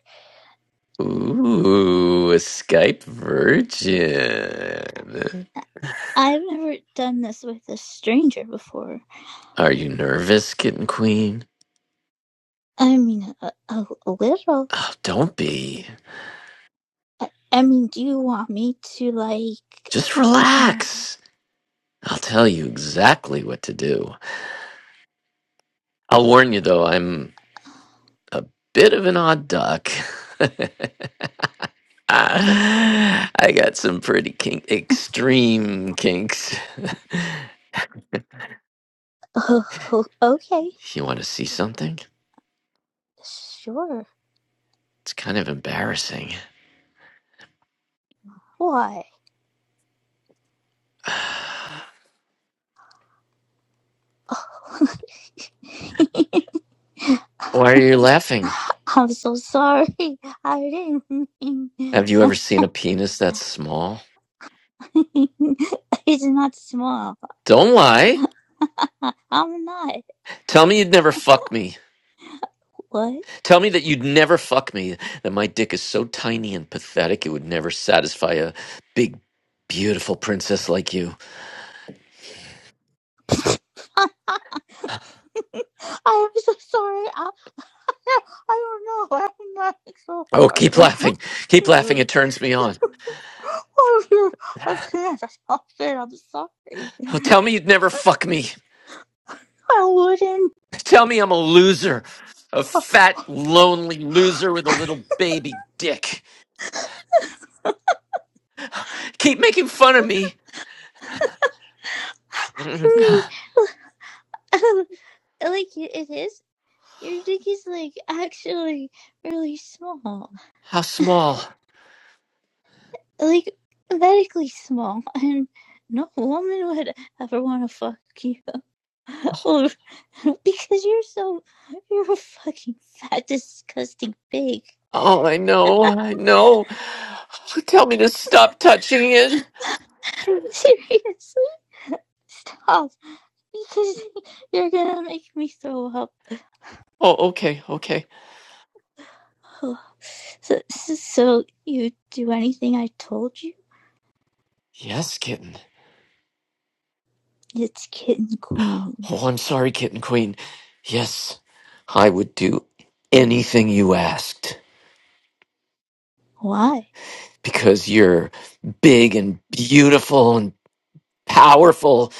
Speaker 2: Ooh, a Skype virgin.
Speaker 4: I've never done this with a stranger before.
Speaker 2: Are you nervous, kitten queen?
Speaker 4: I mean, a, a, a little.
Speaker 2: Oh, don't be.
Speaker 4: I, I mean, do you want me to like?
Speaker 2: Just
Speaker 4: Uh,
Speaker 2: relax. I'll tell you exactly what to do. I'll warn you though, I'm a bit of an odd duck. Ah, I got some pretty kink, extreme kinks.
Speaker 4: oh, okay.
Speaker 2: you want to see something?
Speaker 4: Sure.
Speaker 2: It's kind of embarrassing.
Speaker 4: Why? Oh.
Speaker 2: Why are you laughing?
Speaker 4: I'm so sorry. I didn't mean.
Speaker 2: Have you ever seen a penis that small?
Speaker 4: it's not small.
Speaker 2: Don't lie.
Speaker 4: I, I'm not.
Speaker 2: Tell me you'd never fuck me.
Speaker 4: What?
Speaker 2: Tell me that you'd never fuck me. That my dick is so tiny and pathetic it would never satisfy a big, beautiful princess like you.
Speaker 4: I am so sorry. I, I don't know. I'm not so
Speaker 2: Oh, keep
Speaker 4: sorry.
Speaker 2: laughing. Keep laughing. It turns me on.
Speaker 4: Oh, I can't stop it. I'm sorry.
Speaker 2: Oh, tell me you'd never fuck me.
Speaker 4: I wouldn't.
Speaker 2: Tell me I'm a loser. A fat, lonely loser with a little baby dick. Keep making fun of me.
Speaker 4: I
Speaker 2: Mm,
Speaker 4: mean, like it is. Your dick is like actually really small,
Speaker 2: How small.
Speaker 4: like medically small, and no woman would ever want to fuck you Or- because you're so you're a fucking fat, disgusting pig.
Speaker 2: Oh, I know, I know. Tell me to stop touching it.
Speaker 4: Seriously, stop because you're gonna make me throw up.
Speaker 2: Oh, okay, okay.
Speaker 4: Oh. So, so you do anything I told you?
Speaker 2: Yes, kitten.
Speaker 4: It's kitten queen.
Speaker 2: Oh, I'm sorry, kitten queen. Yes, I would do anything you asked
Speaker 4: Why?
Speaker 2: because you're big and beautiful and powerful,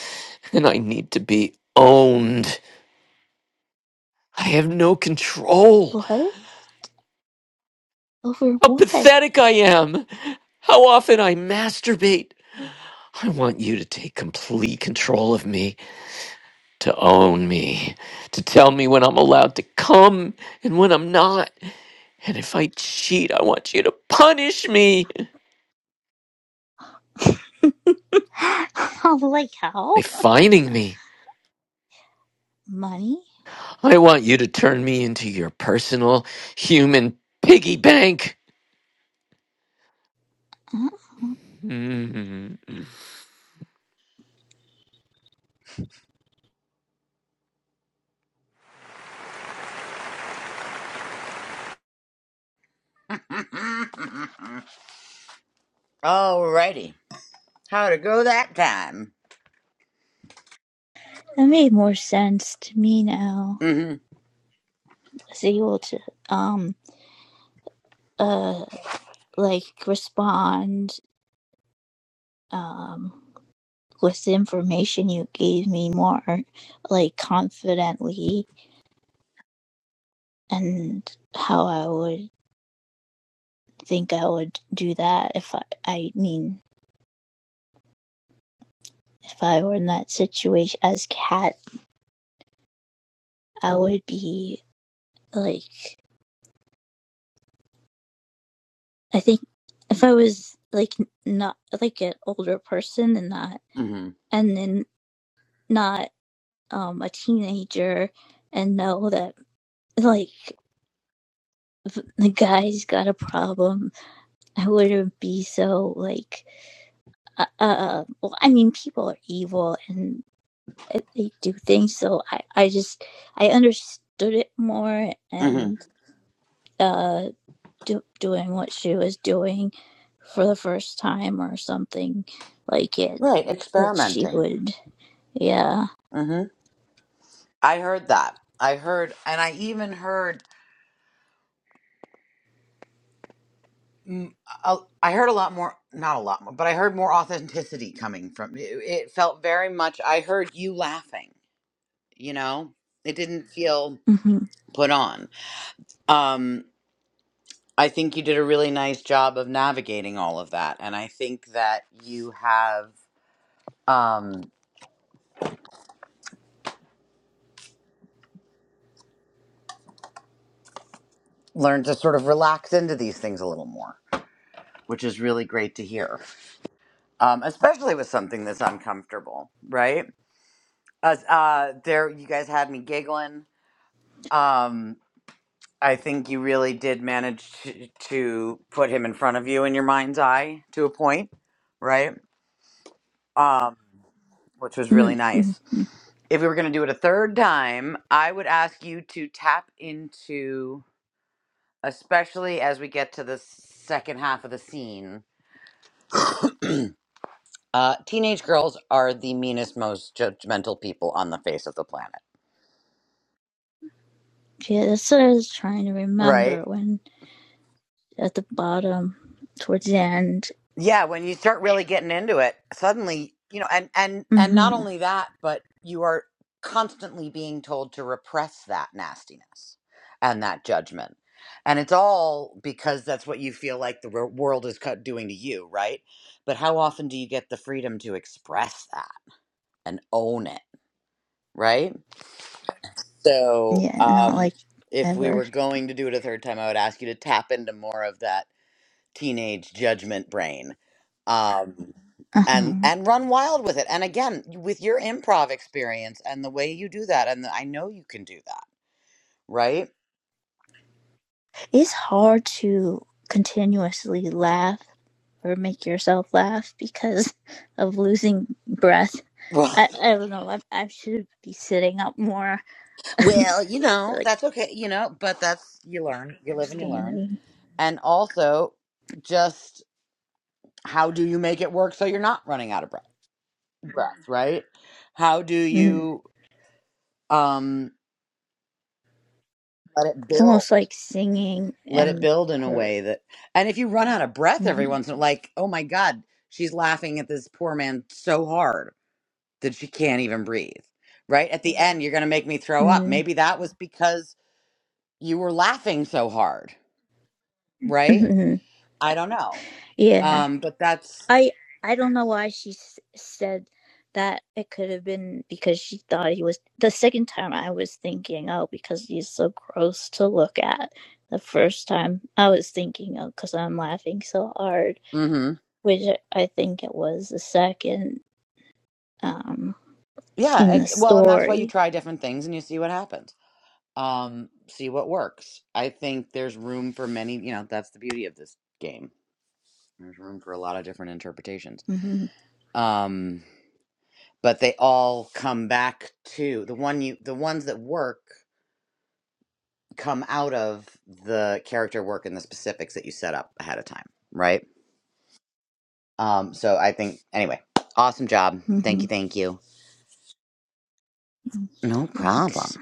Speaker 2: and I need to be owned. I have no control.
Speaker 4: What? Over
Speaker 2: How
Speaker 4: what?
Speaker 2: pathetic I am. How often I masturbate. I want you to take complete control of me, to own me, to tell me when I'm allowed to come and when I'm not. And if I cheat, I want you to punish me
Speaker 4: like,
Speaker 2: by
Speaker 4: how?
Speaker 2: fining me.
Speaker 4: Money?
Speaker 2: I want you to turn me into your personal human piggy bank.
Speaker 4: Oh,
Speaker 2: Mhm.
Speaker 3: All righty, how'd it go that time?
Speaker 4: that made more sense to me now.
Speaker 3: Mm-hmm.
Speaker 4: I was able to, um, uh, like respond, um, with the information you gave me more, like confidently, and how I would think I would do that if I, I mean, if I were in that situation as Cat, I would be like I think if I was like not like an older person and not
Speaker 3: Mm-hmm.
Speaker 4: and then not um a teenager and know that like the guy's got a problem, I wouldn't be so like uh, uh well, I mean people are evil and they do things so I I just I understood it more
Speaker 3: Mm-hmm.
Speaker 4: and uh do, doing what she was doing for the first time or something like it
Speaker 3: Right,
Speaker 4: that she
Speaker 3: experimenting.
Speaker 4: would. Yeah.
Speaker 3: hmm I heard that. I heard, and I even heard, mm, a- I heard a lot more, not a lot more, but I heard more authenticity coming from it. It felt very much, I heard you laughing, you know? It didn't feel
Speaker 4: hmm
Speaker 3: put on. Um, I think you did a really nice job of navigating all of that. And I think that you have um, learned to sort of relax into these things a little more, which is really great to hear, um, especially with something that's uncomfortable, right? Uh, uh, there, you guys had me giggling. Um, I think you really did manage to, to put him in front of you in your mind's eye to a point, right? Um, which was really
Speaker 4: mm-hmm.
Speaker 3: nice.
Speaker 4: mm-hmm.
Speaker 3: If we were going to do it a third time, I would ask you to tap into, especially as we get to the second half of the scene. Uh, teenage girls are the meanest, most judgmental people on the face of the planet,
Speaker 4: Yeah, that's what I was trying to
Speaker 3: right?
Speaker 4: remember when at the bottom, towards the end.
Speaker 3: yeah when you start really getting into it suddenly you know and and and not
Speaker 4: hmm
Speaker 3: only that but you are constantly being told to repress that nastiness and that judgment and it's all because that's what you feel like the wor- world is cut- doing to you right but how often do you get the freedom to express that and own it right so
Speaker 4: Yeah, not
Speaker 3: um
Speaker 4: like
Speaker 3: if we
Speaker 4: ever.
Speaker 3: were going to do it a third time i would ask you to tap into more of that teenage judgment brain um and
Speaker 4: Uh-huh.
Speaker 3: and run wild with it and again with your improv experience and the way you do that and i know you can do that right
Speaker 4: It's hard to continuously laugh or make yourself laugh because of losing breath.
Speaker 3: well
Speaker 4: I, I don't know. I, I should be sitting up more,
Speaker 3: well you know
Speaker 4: like
Speaker 3: that's okay you know but that's you learn you live and you learn
Speaker 4: standing.
Speaker 3: and also just how do you make it work so you're not running out of breath breath right how do
Speaker 4: hmm
Speaker 3: you um let it
Speaker 4: It's
Speaker 3: build
Speaker 4: almost like singing
Speaker 3: let it
Speaker 4: and
Speaker 3: build in a
Speaker 4: or.
Speaker 3: way that and if you run out of breath every once
Speaker 4: mhm.
Speaker 3: in a like oh my god she's laughing at this poor man so hard that she can't even breathe right at the end you're going to make me throw up maybe that was because you were laughing so hard right
Speaker 4: Mhm.
Speaker 3: i don't know
Speaker 4: Yeah.
Speaker 3: um but that's
Speaker 4: I I don't know why she s- said that. It could have been because she thought he was the second time I was thinking, oh, because he's so gross to look at. The first time I was thinking, oh, because I'm laughing so hard,
Speaker 3: mhm
Speaker 4: which I think it was the second um
Speaker 3: yeah
Speaker 4: in the
Speaker 3: it's well and that's why you
Speaker 4: story.
Speaker 3: try different things and you see what happens um see what works i think there's room for many you know that's the beauty of this game there's room for a lot of different interpretations
Speaker 4: Mhm.
Speaker 3: um but they all come back to the one you the ones that work come out of the character work and the specifics that you set up ahead of time right um so i think anyway awesome job thank you
Speaker 4: Mhm.
Speaker 3: thank you no problem
Speaker 4: Thanks.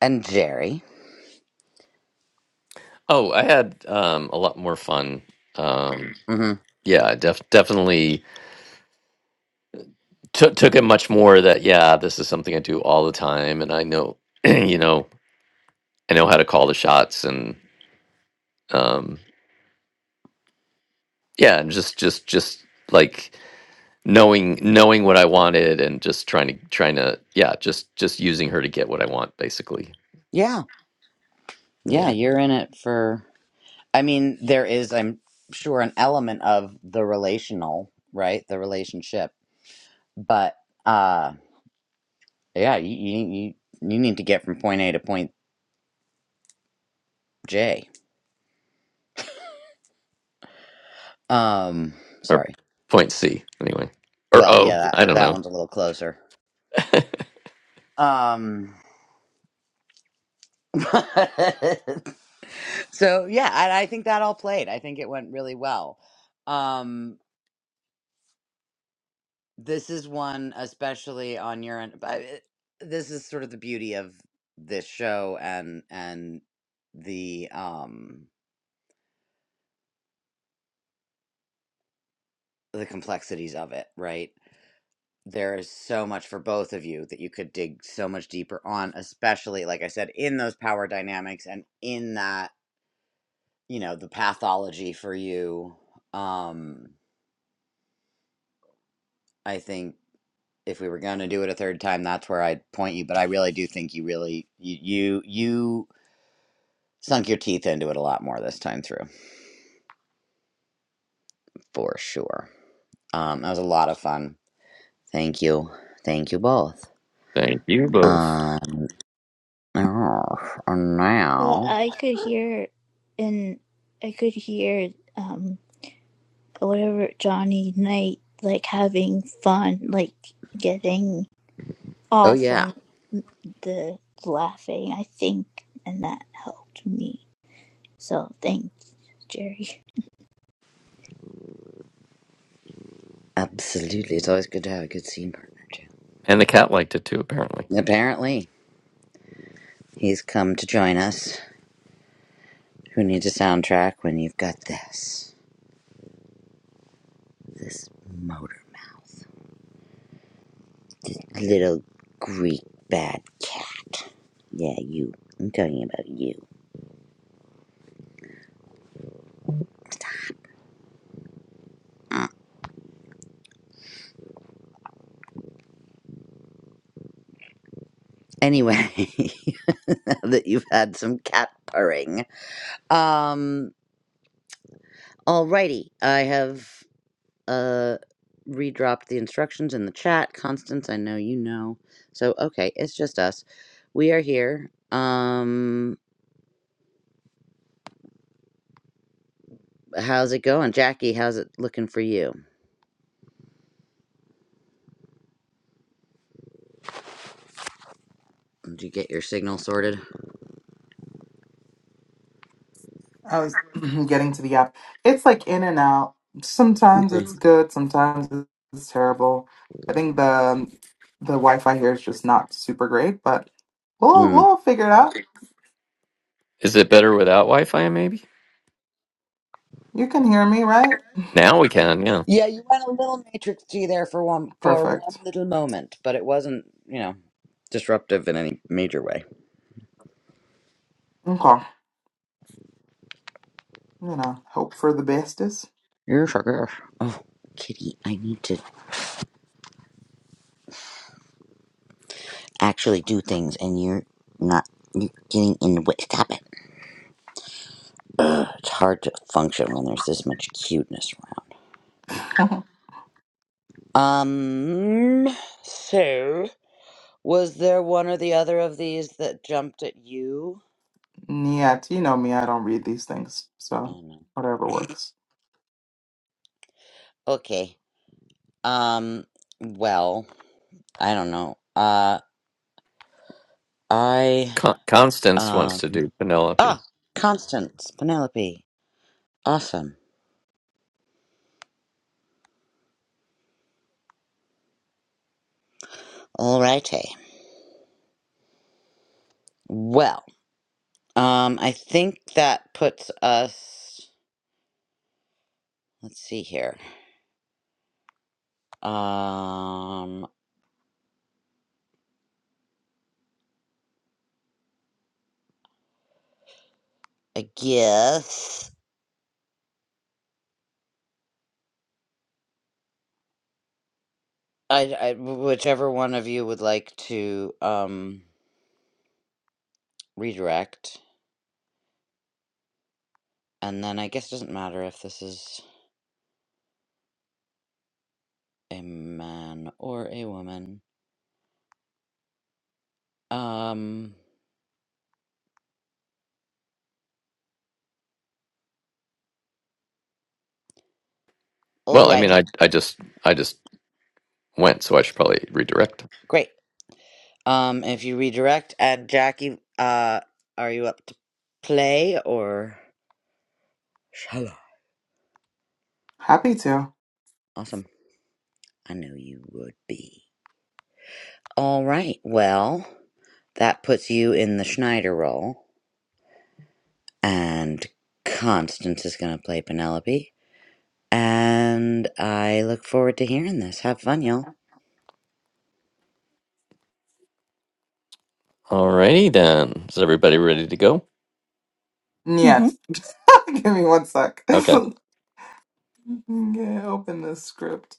Speaker 3: and jerry
Speaker 2: Oh, I had um, a lot more fun. Um,
Speaker 3: mm-hmm.
Speaker 2: yeah, def- definitely took took it much more that yeah this is something i do all the time and i know you know i know how to call the shots and um yeah and just just just like knowing knowing what i wanted and just trying to trying to yeah just just using her to get what i want basically
Speaker 3: yeah yeah
Speaker 2: yeah
Speaker 3: you're in it for i mean there is i'm sure an element of the relational right the relationship but uh yeah you you, you you need to get from point a to point j Um,
Speaker 2: or
Speaker 3: sorry.
Speaker 2: point c anyway or
Speaker 3: Well,
Speaker 2: o
Speaker 3: yeah, that,
Speaker 2: i don't
Speaker 3: that
Speaker 2: know
Speaker 3: one's a little closer. Um, so yeah, and I think that all played. I think it went really well. Um, this is one, especially on your end. But it- this is sort of the beauty of this show and and the um the complexities of it, right? There is so much for both of you that you could dig so much deeper on, especially like I said, in those power dynamics and in that you know, the pathology for you. Um, I think if we were going to do it a third time, that's where I'd point you. But I really do think you really you you, you sunk your teeth into it a lot more this time through, for sure. Um, that was a lot of fun. Thank you, thank you both.
Speaker 2: thank you both
Speaker 3: Um, oh, and
Speaker 4: Yeah,
Speaker 3: now,
Speaker 4: I could hear and I could hear um. whatever Johnny Knight, like having fun, like getting
Speaker 3: oh
Speaker 4: off
Speaker 3: yeah,
Speaker 4: on the laughing, I think, and that helped me. So thanks, Jerry.
Speaker 3: absolutely. It's always good to have a good scene partner too.
Speaker 2: and the cat liked it too apparently
Speaker 3: Apparently, he's come to join us. Who needs a soundtrack when you've got this? This motor mouth. Little Greek bad cat. Yeah, you. I'm talking about you. Uh, Anyway, now that you've had some cat purring. Um, alrighty. I have uh redropped the instructions in the chat. Constance, I know you know. So okay, it's just us. We are here. Um how's it going? Jackie, how's it looking for you? Did you get your signal sorted?
Speaker 1: I was getting to the app. It's like in and out. Sometimes it's good, sometimes it's terrible. I think the the Wi-Fi here is just not super great, but we'll
Speaker 3: Hmm.
Speaker 1: we'll figure it out.
Speaker 2: is it better without wi-fi maybe
Speaker 1: You can hear me, right?
Speaker 2: now we can yeah
Speaker 3: Yeah, you went a little Matrix G there for one for one
Speaker 1: Perfect.
Speaker 3: little moment, but it wasn't, you know, disruptive in any major way.
Speaker 1: Okay. You know, hope for the bestest.
Speaker 3: Yes, I guess. Oh, Kitty, I need to actually do things, and you're not. You're getting in the way. Stop it. It's hard to function when there's this much cuteness around. Um, so was there one or the other of these that jumped at you?
Speaker 1: Niet. You know me, I don't read these things.
Speaker 3: I
Speaker 1: So
Speaker 3: don't know.
Speaker 1: whatever works.
Speaker 3: Okay. Um, well, I don't know. Uh, I.
Speaker 2: Con- constance wants
Speaker 3: Um,
Speaker 2: to do penelope
Speaker 3: ah, Constance, Penelope. Awesome. Alrighty. Well, um, I think that puts us. Let's see here. Um, I guess I, I whichever one of you would like to um redirect, and then I guess it doesn't matter if this is a man or a woman. Um. All
Speaker 2: Well, I
Speaker 3: right.
Speaker 2: mean, I I just I just went, so I should probably redirect.
Speaker 3: Great. Um, if you redirect, add Jackie. Uh, are you up to play or shall I?
Speaker 1: Happy to.
Speaker 3: Awesome. I knew you would be. All right. Well, that puts you in the Schneider role, and Constance is going to play Penelope. And I look forward to hearing this. Have fun, y'all.
Speaker 2: Alrighty then. Is everybody ready to go?
Speaker 5: hmm
Speaker 1: Niet. Give me one sec.
Speaker 2: Okay.
Speaker 1: yeah, open this script.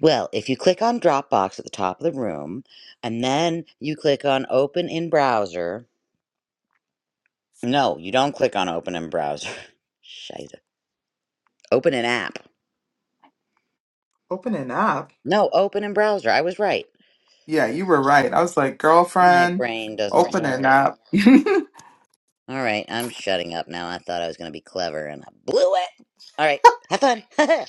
Speaker 3: Well, if you click on Dropbox at the top of the room, and then you click on Open in Browser. No, you don't click on Open in Browser. Scheiße. Open an app
Speaker 1: Open it up.
Speaker 3: No, open in browser. I was right.
Speaker 1: Yeah, you were right. I was like,
Speaker 3: My
Speaker 1: girlfriend,
Speaker 3: brain doesn't
Speaker 1: open it
Speaker 3: work.
Speaker 1: up.
Speaker 3: All right, I'm shutting up now. I thought I was going to be clever and I blew it. All right, have fun.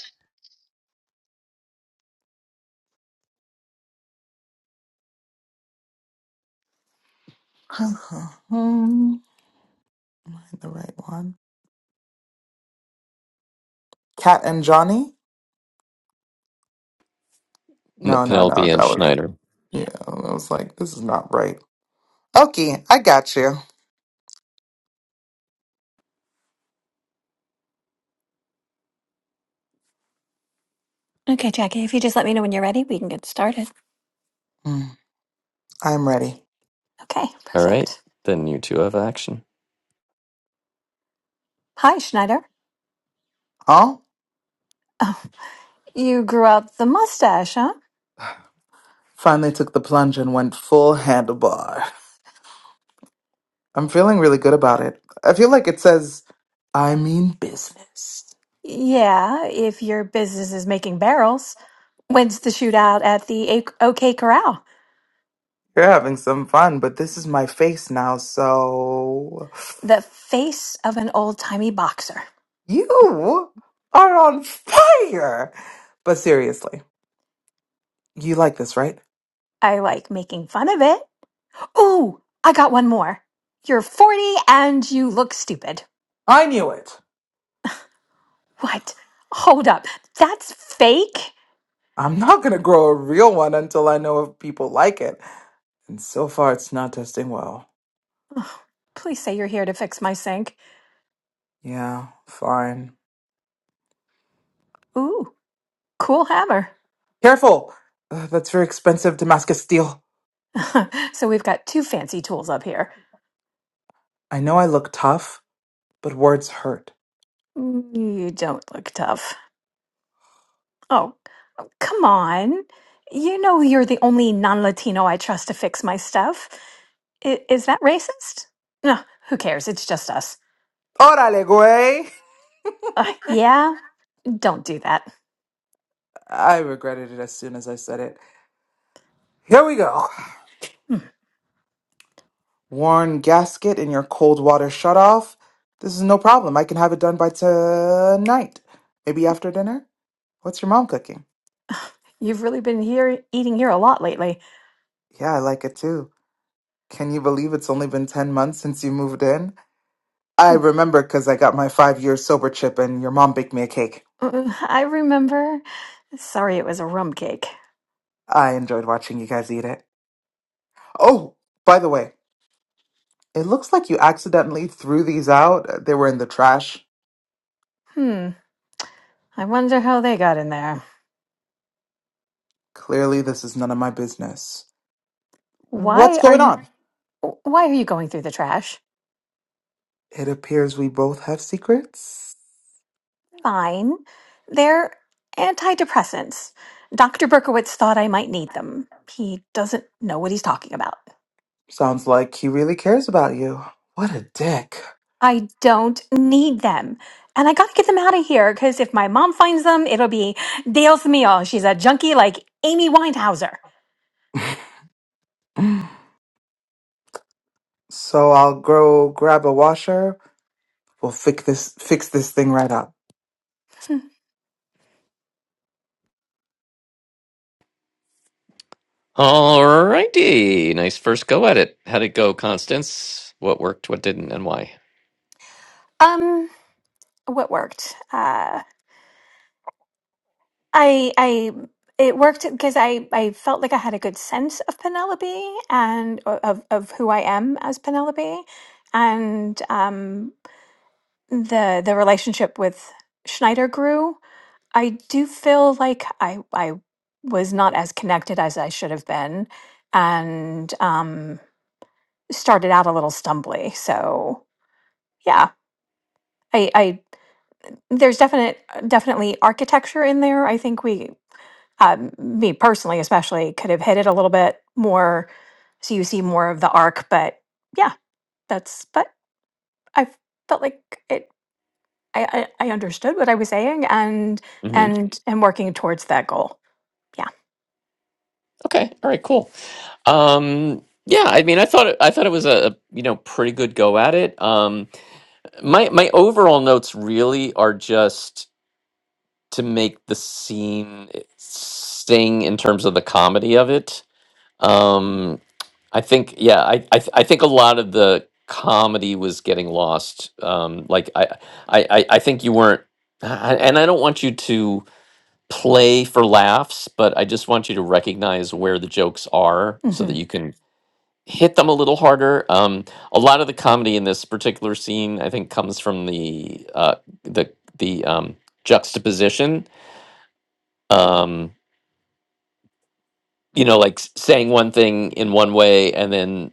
Speaker 1: Um, Am I the right one? Cat and Johnny?
Speaker 2: N-
Speaker 1: No, no, no.
Speaker 2: Penelope and
Speaker 1: That was
Speaker 2: Schneider.
Speaker 1: yeah. I was like, this is not right. Okay, I got you.
Speaker 5: Okay, Jackie, if you just let me know when you're ready, we can get started.
Speaker 1: Mm, I'm ready.
Speaker 5: Okay,
Speaker 2: All right.
Speaker 5: perfect.
Speaker 2: Then you two have action.
Speaker 5: Hi, Schneider.
Speaker 1: Huh?
Speaker 5: Oh, you grew out the mustache, huh?
Speaker 1: Finally took the plunge and went full handlebar. I'm feeling really good about it. I feel like it says, I mean business.
Speaker 5: Yeah, if your business is making barrels. When's the shootout at the A- OK Corral?
Speaker 1: You're having some fun, but this is my face now, so.
Speaker 5: The face of an old timey boxer.
Speaker 1: You are on fire! But seriously, you like this, right?
Speaker 5: I like making fun of it. Ooh, I got one more. You're 40 and you look stupid.
Speaker 1: I knew it.
Speaker 5: What? Hold up. That's fake?
Speaker 1: I'm not gonna grow a real one until I know if people like it. And so far, it's not testing well.
Speaker 5: Please say you're here to fix my sink.
Speaker 1: Yeah, fine.
Speaker 5: Ooh, cool hammer.
Speaker 1: Careful! Ugh, that's very expensive Damascus steel.
Speaker 5: so we've got two fancy tools up here.
Speaker 1: I know I look tough, but words hurt.
Speaker 5: You don't look tough. Oh, come on. You know you're the only non Latino I trust to fix my stuff. I- is that racist? No, who cares? It's just us.
Speaker 1: Orale, güey!
Speaker 5: Uh, yeah, don't do that.
Speaker 1: I regretted it as soon as I said it. Here we go.
Speaker 5: Hmm,
Speaker 1: Worn gasket in your cold water shutoff. This is no problem. I can have it done by tonight. Maybe after dinner? What's your mom cooking?
Speaker 5: You've really been here eating here a lot lately.
Speaker 1: Yeah, I like it too. Can you believe it's only been 10 months since you moved in? I
Speaker 5: Hmm,
Speaker 1: remember because I got my five year sober chip and your mom baked me a cake.
Speaker 5: uh, I remember. Sorry, it was a rum cake.
Speaker 1: I enjoyed watching you guys eat it. Oh, by the way, it looks like you accidentally threw these out. They were in the trash.
Speaker 5: Hmm. I wonder how they got in there.
Speaker 1: Clearly, this is none of my business. What's
Speaker 5: Why are
Speaker 1: going
Speaker 5: you?
Speaker 1: on?
Speaker 5: Why are you going through the trash?
Speaker 1: It appears we both have secrets.
Speaker 5: fine. They're antidepressants. Dr. Berkowitz thought I might need them. He doesn't know what he's talking about.
Speaker 1: Sounds like he really cares about you. What a dick.
Speaker 5: I don't need them. And I gotta get them out of here, because if my mom finds them, it'll be Dios mio, she's a junkie like Amy Winehouser.
Speaker 1: So I'll go grab a washer. We'll fix this fix this thing right up.
Speaker 2: Alrighty. Nice first go at it. How'd it go, Constance? What worked? What didn't? And why?
Speaker 5: Um, what worked? Uh, I, I, it worked because I, I felt like I had a good sense of Penelope and o- of, of who I am as Penelope and um, the the relationship with Schneider grew. I do feel like I I was not as connected as I should have been, and um, started out a little stumbly. So yeah, I, I there's definite definitely architecture in there. I think we um, me personally especially could have hit it a little bit more, so you see more of the arc. But yeah, that's but I felt like it. I, I I understood what I was saying and
Speaker 2: hmm
Speaker 5: and and working towards that goal. Yeah.
Speaker 2: Okay. All right. Cool. Um. Yeah. I mean, I thought it, I thought it was a a you know pretty good go at it. Um. My my overall notes really are just to make the scene sting in terms of the comedy of it. Um, I think, yeah, I, I, th- I think a lot of the comedy was getting lost. Um, like I, I, I I think you weren't, I- and I don't want you to play for laughs, but I just want you to recognize where the jokes are so
Speaker 5: hmm
Speaker 2: that you can hit them a little harder. Um, a lot of the comedy in this particular scene, I think, comes from the uh, the the um, juxtaposition. Um, you know like s- saying one thing in one way and then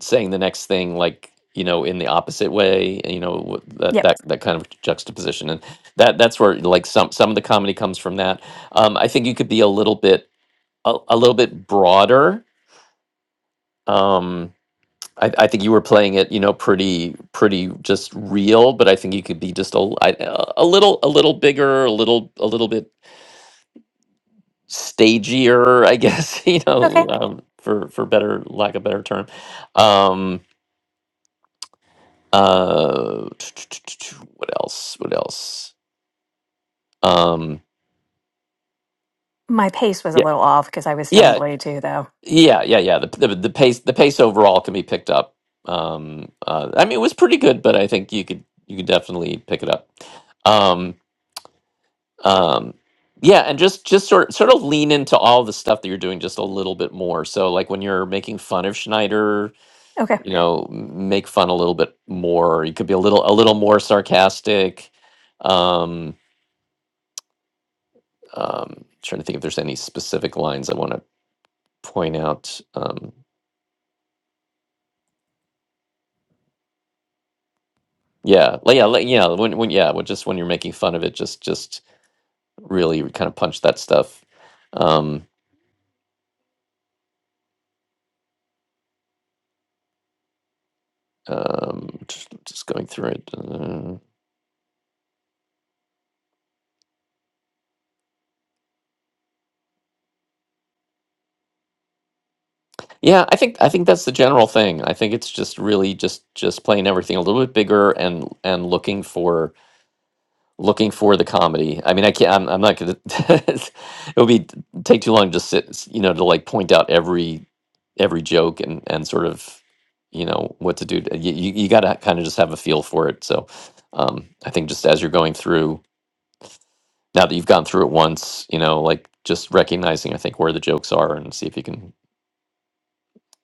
Speaker 2: saying the next thing like you know in the opposite way you know w- that
Speaker 5: Yep.
Speaker 2: that that kind of juxtaposition and that that's where like some some of the comedy comes from that um i think you could be a little bit a, a little bit broader um I, I think you were playing it you know pretty pretty just real but i think you could be just a, l- I- a a little a little bigger a little a little bit stagier, I guess, you
Speaker 5: Okay.
Speaker 2: know, um, for for better lack of better term. Um, uh, what else? What else? Um,
Speaker 5: My pace was a
Speaker 2: yeah,
Speaker 5: little off because I was
Speaker 2: yeah,
Speaker 5: stumbly too, though.
Speaker 2: yeah, yeah, yeah. The, the the pace the pace overall can be picked up. Um, uh, I mean, it was pretty good, but I think you could you could definitely pick it up. Um, um, yeah, and just just sort sort of lean into all the stuff that you're doing just a little bit more. So, like when you're making fun of Schneider
Speaker 5: Okay.
Speaker 2: you know make fun a little bit more you could be a little a little more sarcastic um, um trying to think if there's any specific lines i want to point out um yeah like yeah like, yeah when when yeah when just when you're making fun of it just just really kind of punch that stuff um um just, just going through it uh, yeah i think i think that's the general thing i think it's just really just just playing everything a little bit bigger and and looking for looking for the comedy. I mean, I can't. I'm, I'm not gonna. it would be take too long to just sit. You know, to like point out every every joke and and sort of you know what to do. to- You you, you got to kind of just have a feel for it. So, um, I think just as you're going through, now that you've gone through it once, you know, like just recognizing I think where the jokes are and see if you can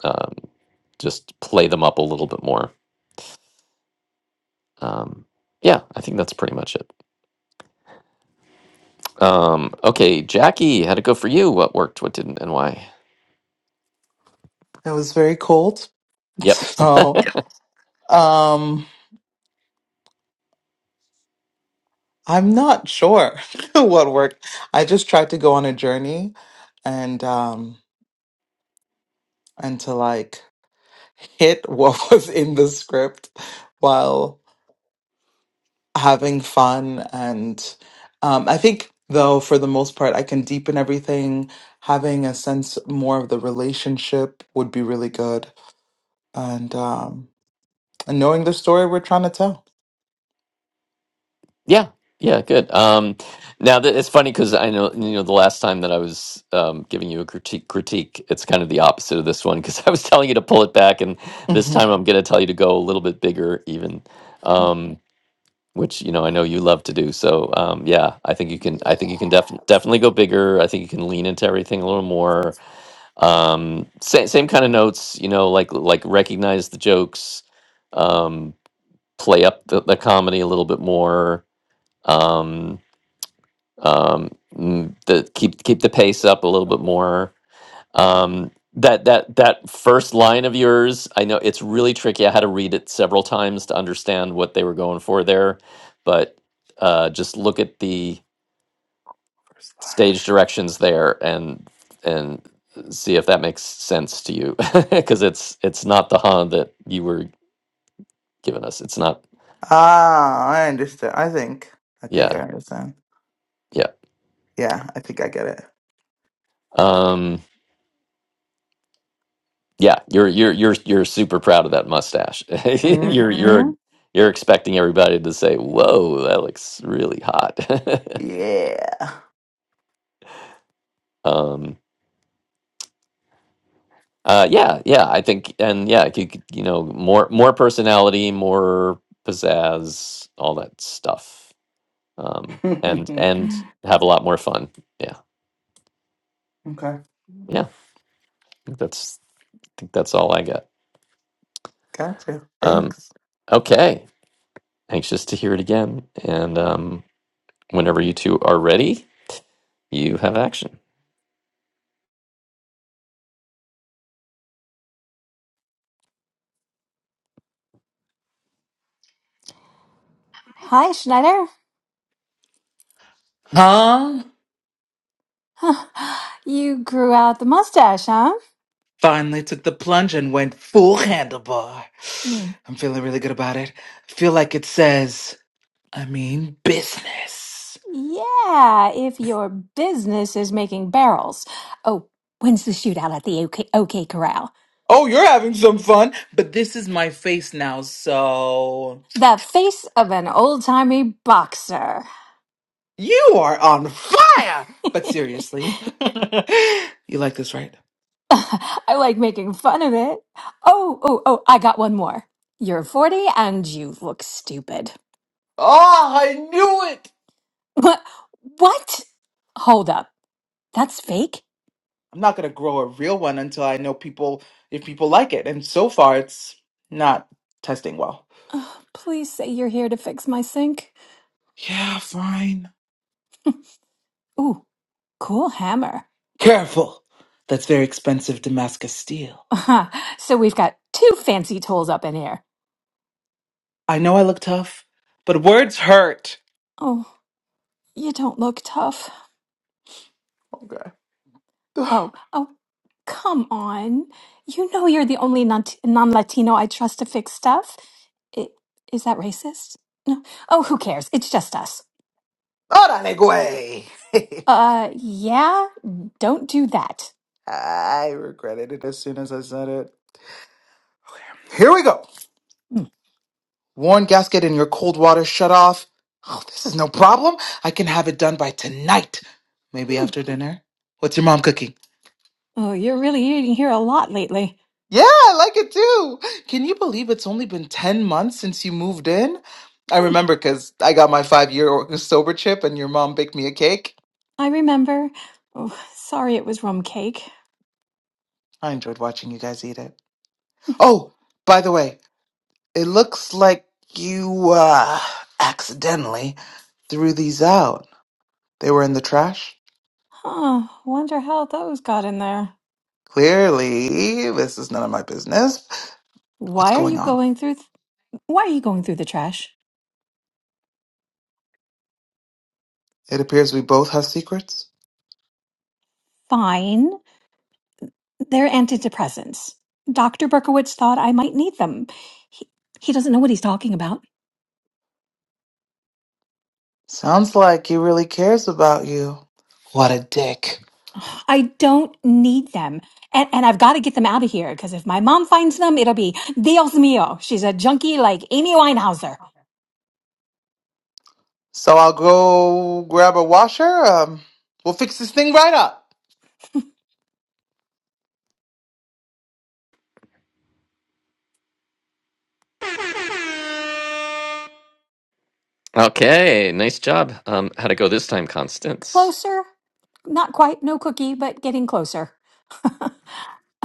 Speaker 2: um, just play them up a little bit more. Um, yeah, I think that's pretty much it. Um, okay, Jackie, how'd it go for you? What worked? What didn't? And why?
Speaker 1: It was very cold.
Speaker 2: Yep.
Speaker 1: So um I'm not sure what worked. I just tried to go on a journey and um and to like hit what was in the script while having fun and um I think though for the most part I can deepen everything having a sense more of the relationship would be really good and um and knowing the story we're trying to tell
Speaker 2: Yeah. Yeah. Good. Um, now that it's funny because I know you know the last time that I was um, giving you a critique, critique, it's kind of the opposite of this one because I was telling you to pull it back, and this
Speaker 1: hmm
Speaker 2: time I'm going to tell you to go a little bit bigger, even, um, which you know I know you love to do. So um, yeah, I think you can. I think you can def-
Speaker 1: yes
Speaker 2: definitely go bigger. I think you can lean into everything a little more. Um, same same kind of notes, you know, like like recognize the jokes, um, play up the, the comedy a little bit more um, um, mm, the, keep keep the pace up a little bit more. Um, that that that first line of yours, I know it's really tricky. I had to read it several times to understand what they were going for there, but uh, just look at the
Speaker 1: First line.
Speaker 2: stage directions there and and see if that makes sense to you because it's it's not the Han that you were giving us. It's not
Speaker 1: Ah, I understand. I think. I think I
Speaker 2: yeah
Speaker 1: understand.
Speaker 2: yeah.
Speaker 1: Yeah, I think I get it.
Speaker 2: Um, Yeah, you're you're you're you're super proud of that mustache. You're you're
Speaker 1: hmm
Speaker 2: you're expecting everybody to say, "Whoa, that looks really hot."
Speaker 1: Yeah.
Speaker 2: Um, uh, yeah, yeah, I think, and yeah, you could, you know, more more personality, more pizzazz, all that stuff, um, and and have a lot more fun. Yeah,
Speaker 1: okay.
Speaker 2: yeah, I think that's I think that's all I got.
Speaker 1: Gotcha.
Speaker 2: Um,
Speaker 1: Thanks.
Speaker 2: okay, anxious to hear it again, and um, whenever you two are ready, you have action.
Speaker 5: Hi, Schneider.
Speaker 1: Huh?
Speaker 5: Huh. You grew out the mustache, huh?
Speaker 1: Finally took the plunge and went full handlebar.
Speaker 5: Hmm.
Speaker 1: I'm feeling really good about it. I feel like it says, I mean, business.
Speaker 5: Yeah, if your business is making barrels. Oh, when's the shootout at the OK, OK Corral?
Speaker 1: Oh, you're having some fun, but this is my face now, so.
Speaker 5: The face of an old-timey boxer.
Speaker 1: You are on fire! But seriously, you like this, right?
Speaker 5: I like making fun of it. Oh, oh, oh, I got one more. You're 40 and you look stupid.
Speaker 1: Oh, I knew it.
Speaker 5: What? What? Hold up. That's fake?
Speaker 1: I'm not gonna grow a real one until I know people if people like it, and so far it's not testing well.
Speaker 5: Ugh, please say you're here to fix my sink.
Speaker 1: Yeah, fine.
Speaker 5: Ooh, cool hammer.
Speaker 1: Careful. That's very expensive Damascus steel.
Speaker 5: so we've got two fancy tools up in here.
Speaker 1: I know I look tough, but words hurt.
Speaker 5: Oh, you don't look tough.
Speaker 1: Okay.
Speaker 5: Oh, oh, come on. You know you're the only non Latino I trust to fix stuff. I- Is that racist? No. Oh, who cares? It's just us.
Speaker 1: Órale, güey.
Speaker 5: Uh, yeah, don't do that.
Speaker 1: I regretted it as soon as I said it. Here we go.
Speaker 5: Hmm.
Speaker 1: Worn gasket and your cold water shut off. Oh, this is no problem. I can have it done by tonight. Maybe
Speaker 5: Hmm.
Speaker 1: after dinner. What's your mom cooking?
Speaker 5: Oh, you're really eating here a lot lately.
Speaker 1: Yeah, I like it too. Can you believe it's only been 10 months since you moved in? I
Speaker 5: Hmm.
Speaker 1: remember because I got my five year sober chip and your mom baked me a cake.
Speaker 5: I remember. Oh, sorry it was rum cake.
Speaker 1: I enjoyed watching you guys eat it.
Speaker 5: Hmm,
Speaker 1: Oh, by the way, it looks like you, uh, accidentally threw these out. They were in the trash.
Speaker 5: Huh, wonder how those got in there.
Speaker 1: Clearly, this is none of my business, What's
Speaker 5: Why are
Speaker 1: going
Speaker 5: you
Speaker 1: on?
Speaker 5: going through th- why are you going through the trash?
Speaker 1: It appears we both have secrets.
Speaker 5: Fine. They're antidepressants. Dr. Berkowitz thought I might need them. He, he doesn't know what he's talking about.
Speaker 1: Sounds like he really cares about you. What a dick.
Speaker 5: I don't need them. And, and I've got to get them out of here because if my mom finds them, it'll be Dios mío. She's a junkie like Amy Winehouse.
Speaker 1: So I'll go grab a washer. Um, we'll fix this thing right up.
Speaker 2: Okay, nice job. Um, how'd it go this time, Constance?
Speaker 5: Closer? Not quite, no cookie, but getting closer.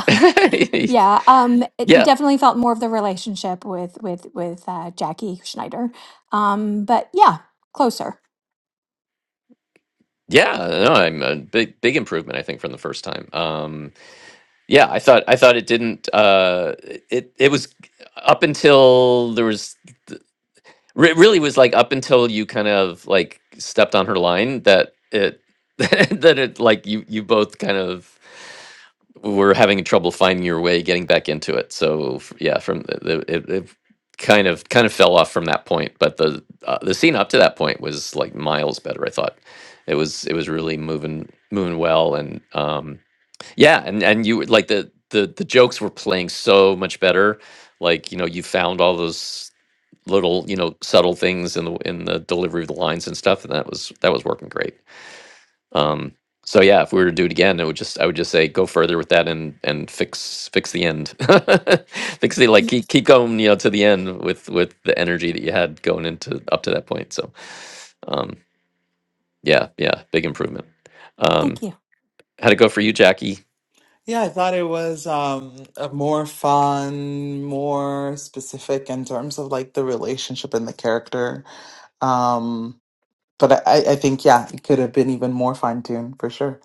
Speaker 5: Yeah, um, it
Speaker 2: Yeah,
Speaker 5: definitely felt more of the relationship with with with uh, Jackie Schneider. Um, but yeah, closer.
Speaker 2: yeah. No, I'm a big, big improvement. I think from the first time. Um, yeah, I thought, I thought it didn't. Uh, it, it was up until there was. It really was like up until you kind of like stepped on her line that it, that it like you, you both kind of. were having trouble finding your way getting back into it. So f- yeah, from the, the, it, it kind of kind of fell off from that point, but the uh, the scene up to that point was like miles better. I thought it was it was really moving moving well, and um, yeah, and and you would- like the the the jokes were playing so much better. Like you know, you found all those little you know subtle things in the in the delivery of the lines and stuff, and that was that was working great. Um, so yeah, if we were to do it again, it would just I would just say go further with that and and fix fix the end, fix the like
Speaker 5: Y-
Speaker 2: keep keep going you know to the end with with the energy that you had going into up to that point. So um, yeah, yeah, big improvement.
Speaker 5: Thank
Speaker 2: Um,
Speaker 5: you.
Speaker 2: how'd it go for you, Jackie?
Speaker 1: Yeah, I thought it was um a more fun, more specific in terms of like the relationship and the character. Um, but I, I I think yeah, it could have been even more fine tuned for sure.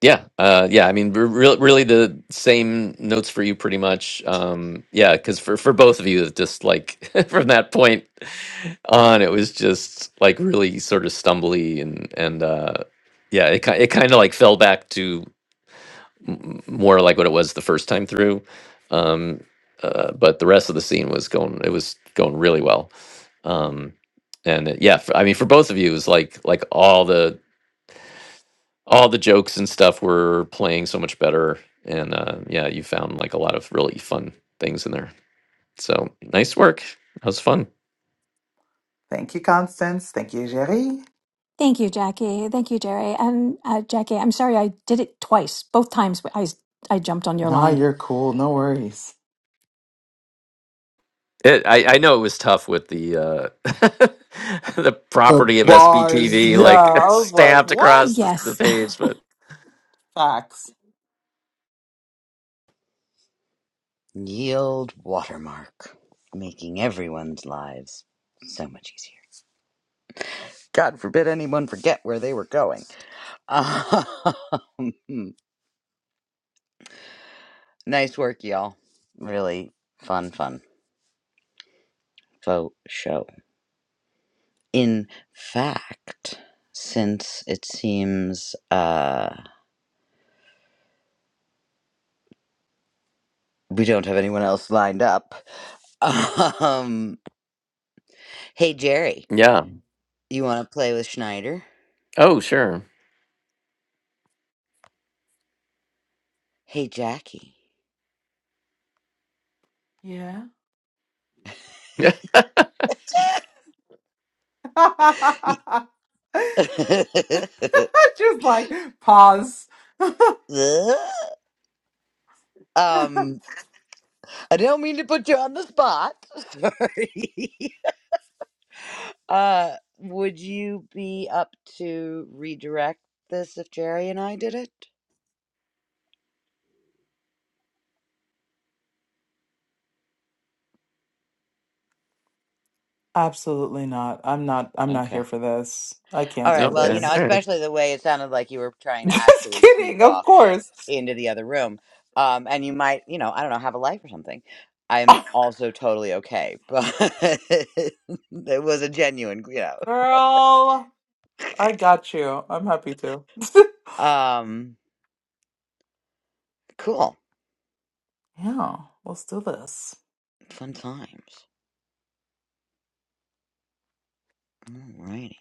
Speaker 2: Yeah, uh, yeah. I mean, re- re- really, the same notes for you, pretty much. Um, yeah, because for for both of you, it's just like from that point on, it was just like really sort of stumbly and and uh, yeah, it ki- it kind of like fell back to m- m- more like what it was the first time through. Um, uh, but the rest of the scene was going, it was going really well. Um, and it- yeah, for, I mean, for both of you, it was like like all the all the jokes and stuff were playing so much better and uh, yeah you found like a lot of really fun things in there so nice work that was fun
Speaker 1: Thank you, Constance. Thank you, Jerry.
Speaker 5: Thank you, Jackie. Thank you, Jerry. And uh, Jackie, I'm sorry I did it twice. Both times I, I jumped on your
Speaker 1: Nah,
Speaker 5: line.
Speaker 1: you're cool. No worries.
Speaker 2: it, I, I know it was tough with the uh, the
Speaker 1: The
Speaker 2: property of
Speaker 1: bars.
Speaker 2: SBTV like
Speaker 1: Yeah. I was like,
Speaker 2: stamped across
Speaker 1: what?
Speaker 2: the, the
Speaker 5: Yes.
Speaker 2: page, but
Speaker 1: Facts.
Speaker 3: Yield watermark, making everyone's lives so much easier. God forbid anyone forget where they were going. Um, nice work, y'all. Really fun, fun. Vote show. In fact, since it seems uh, we don't have anyone else lined up, Um, hey Jerry,
Speaker 2: yeah.
Speaker 3: you want to play with Schneider?
Speaker 2: Oh, sure.
Speaker 3: Hey Jackie.
Speaker 1: Yeah.
Speaker 2: Yeah.
Speaker 3: Y-
Speaker 1: Just like pause.
Speaker 3: um, I don't mean to put you on the spot. Sorry. Uh, would you be up to redirect this if Jerry and I did it?
Speaker 1: Absolutely not. I'm not I'm not
Speaker 3: Okay.
Speaker 1: here for this. I
Speaker 3: All
Speaker 1: can't do
Speaker 3: right. Well,
Speaker 2: Okay.
Speaker 3: you know,
Speaker 1: this.
Speaker 2: All right.
Speaker 3: especially the way it sounded like you were trying to
Speaker 1: Just
Speaker 3: actually sneak
Speaker 1: kidding, of
Speaker 3: off
Speaker 1: course.
Speaker 3: into the other room. Um, and you might, you know, I don't know, have a life or something. I'm also totally okay, but it was a genuine, you
Speaker 1: Girl, I got you. I'm happy to.
Speaker 3: know. Um, cool.
Speaker 1: yeah, let's do this.
Speaker 3: Fun times. Alrighty.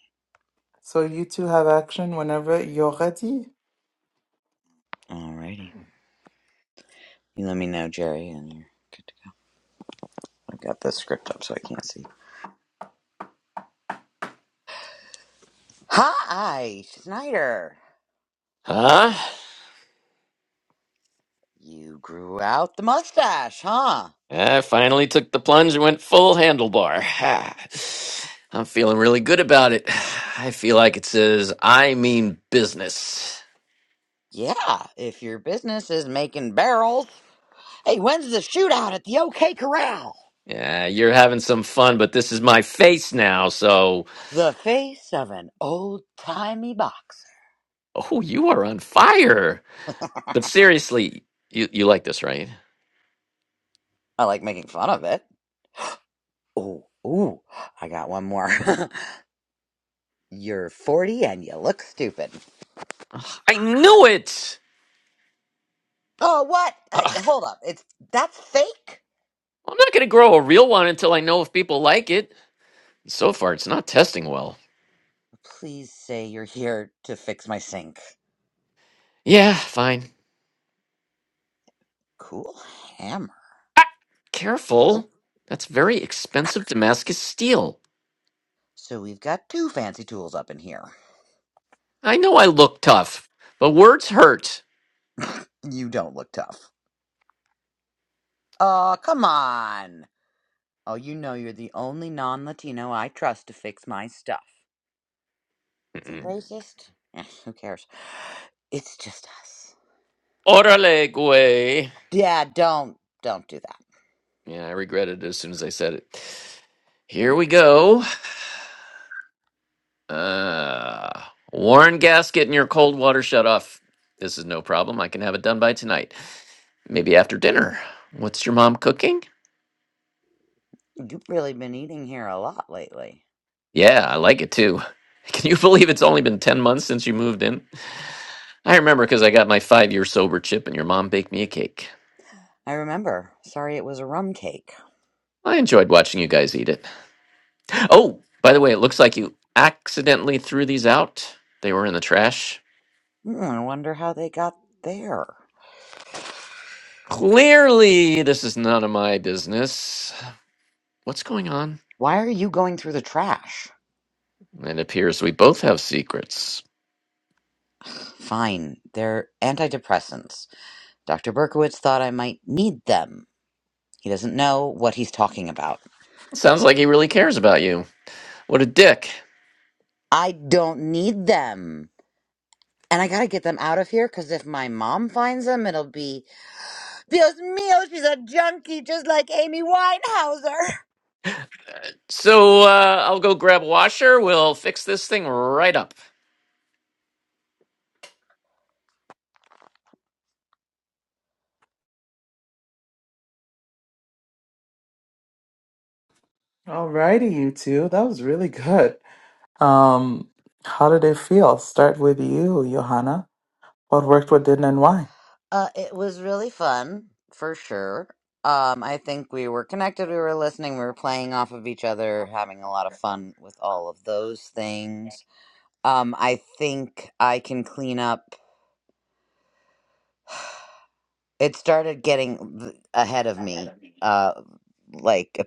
Speaker 1: So you two have action whenever you're ready.
Speaker 3: Alrighty. You let me know, Jerry, and you're good to go. I've got the script up so I can't see. Hi, Snyder.
Speaker 2: Huh?
Speaker 3: You grew out the mustache, huh?
Speaker 2: I finally took the plunge and went full handlebar. I'm feeling really good about it. I feel like it says, I mean business.
Speaker 3: Yeah, if your business is making barrels. Hey, when's the shootout at the OK Corral?
Speaker 2: Yeah, you're having some fun, but this is my face now, so.
Speaker 3: The face of an old timey boxer.
Speaker 2: Oh, you are on fire. But seriously, you, you like this, right?
Speaker 3: I like making fun of it. Ooh, ooh, I got one more. You're 40 and you look stupid.
Speaker 2: Ugh, I knew it!
Speaker 3: Oh, what? Uh,
Speaker 2: Ugh,
Speaker 3: hold up. It's that's fake?
Speaker 2: I'm not gonna grow a real one until I know if people like it. So far, it's not testing well.
Speaker 3: Please say you're here to fix my sink.
Speaker 2: Yeah, fine.
Speaker 3: Cool hammer.
Speaker 2: Ah,
Speaker 3: Oh.
Speaker 2: careful. That's very expensive Damascus steel.
Speaker 3: So we've got two fancy tools up in here.
Speaker 2: I know I look tough, but words hurt.
Speaker 3: You don't look tough. Oh, come on. Oh, you know you're the only non Latino I trust to fix my stuff. Is that
Speaker 2: Mm-mm.
Speaker 3: racist? Eh, who cares? It's just us.
Speaker 2: Orale, güey.
Speaker 3: Yeah, don't don't do that.
Speaker 2: Yeah, I regretted it as soon as I said it. Here
Speaker 3: Mm.
Speaker 2: we go. Uh, Warren gasket and your cold water shut off. This is no problem. I can have it done by tonight. Maybe after dinner. What's your mom cooking?
Speaker 3: You've really been eating here a lot lately.
Speaker 2: Yeah, I like it too. Can you believe it's only been 10 months since you moved in? I remember because I got my five year sober chip and your mom baked me a cake.
Speaker 3: I remember. Sorry it was a rum cake.
Speaker 2: I enjoyed watching you guys eat it. Oh, by the way, it looks like you accidentally threw these out. They were in the trash.
Speaker 3: Mm, I wonder how they got there.
Speaker 2: Clearly, this is none of my business. What's going on?
Speaker 3: Why are you going through the trash?
Speaker 2: It appears we both have secrets.
Speaker 3: Fine, they're antidepressants. Dr. Berkowitz thought I might need them. He doesn't know what he's talking about.
Speaker 2: Sounds like he really cares about you. What a dick.
Speaker 3: I don't need them. And I gotta get them out of here because if my mom finds them, it'll be Dios mío, she's a junkie just like Amy Winehouser.
Speaker 2: So, uh, I'll go grab a washer. We'll fix this thing right up.
Speaker 1: Alrighty, you two. That was really good. Um, how did it feel? Start with you, Johanna. What worked, what didn't, and why?
Speaker 3: Uh, it was really fun, for sure. Um, I think we were connected, we were listening, we were playing off of each other, having a lot of fun with all of those things Um, I think I can clean up. It started getting th- ahead of me, uh, like a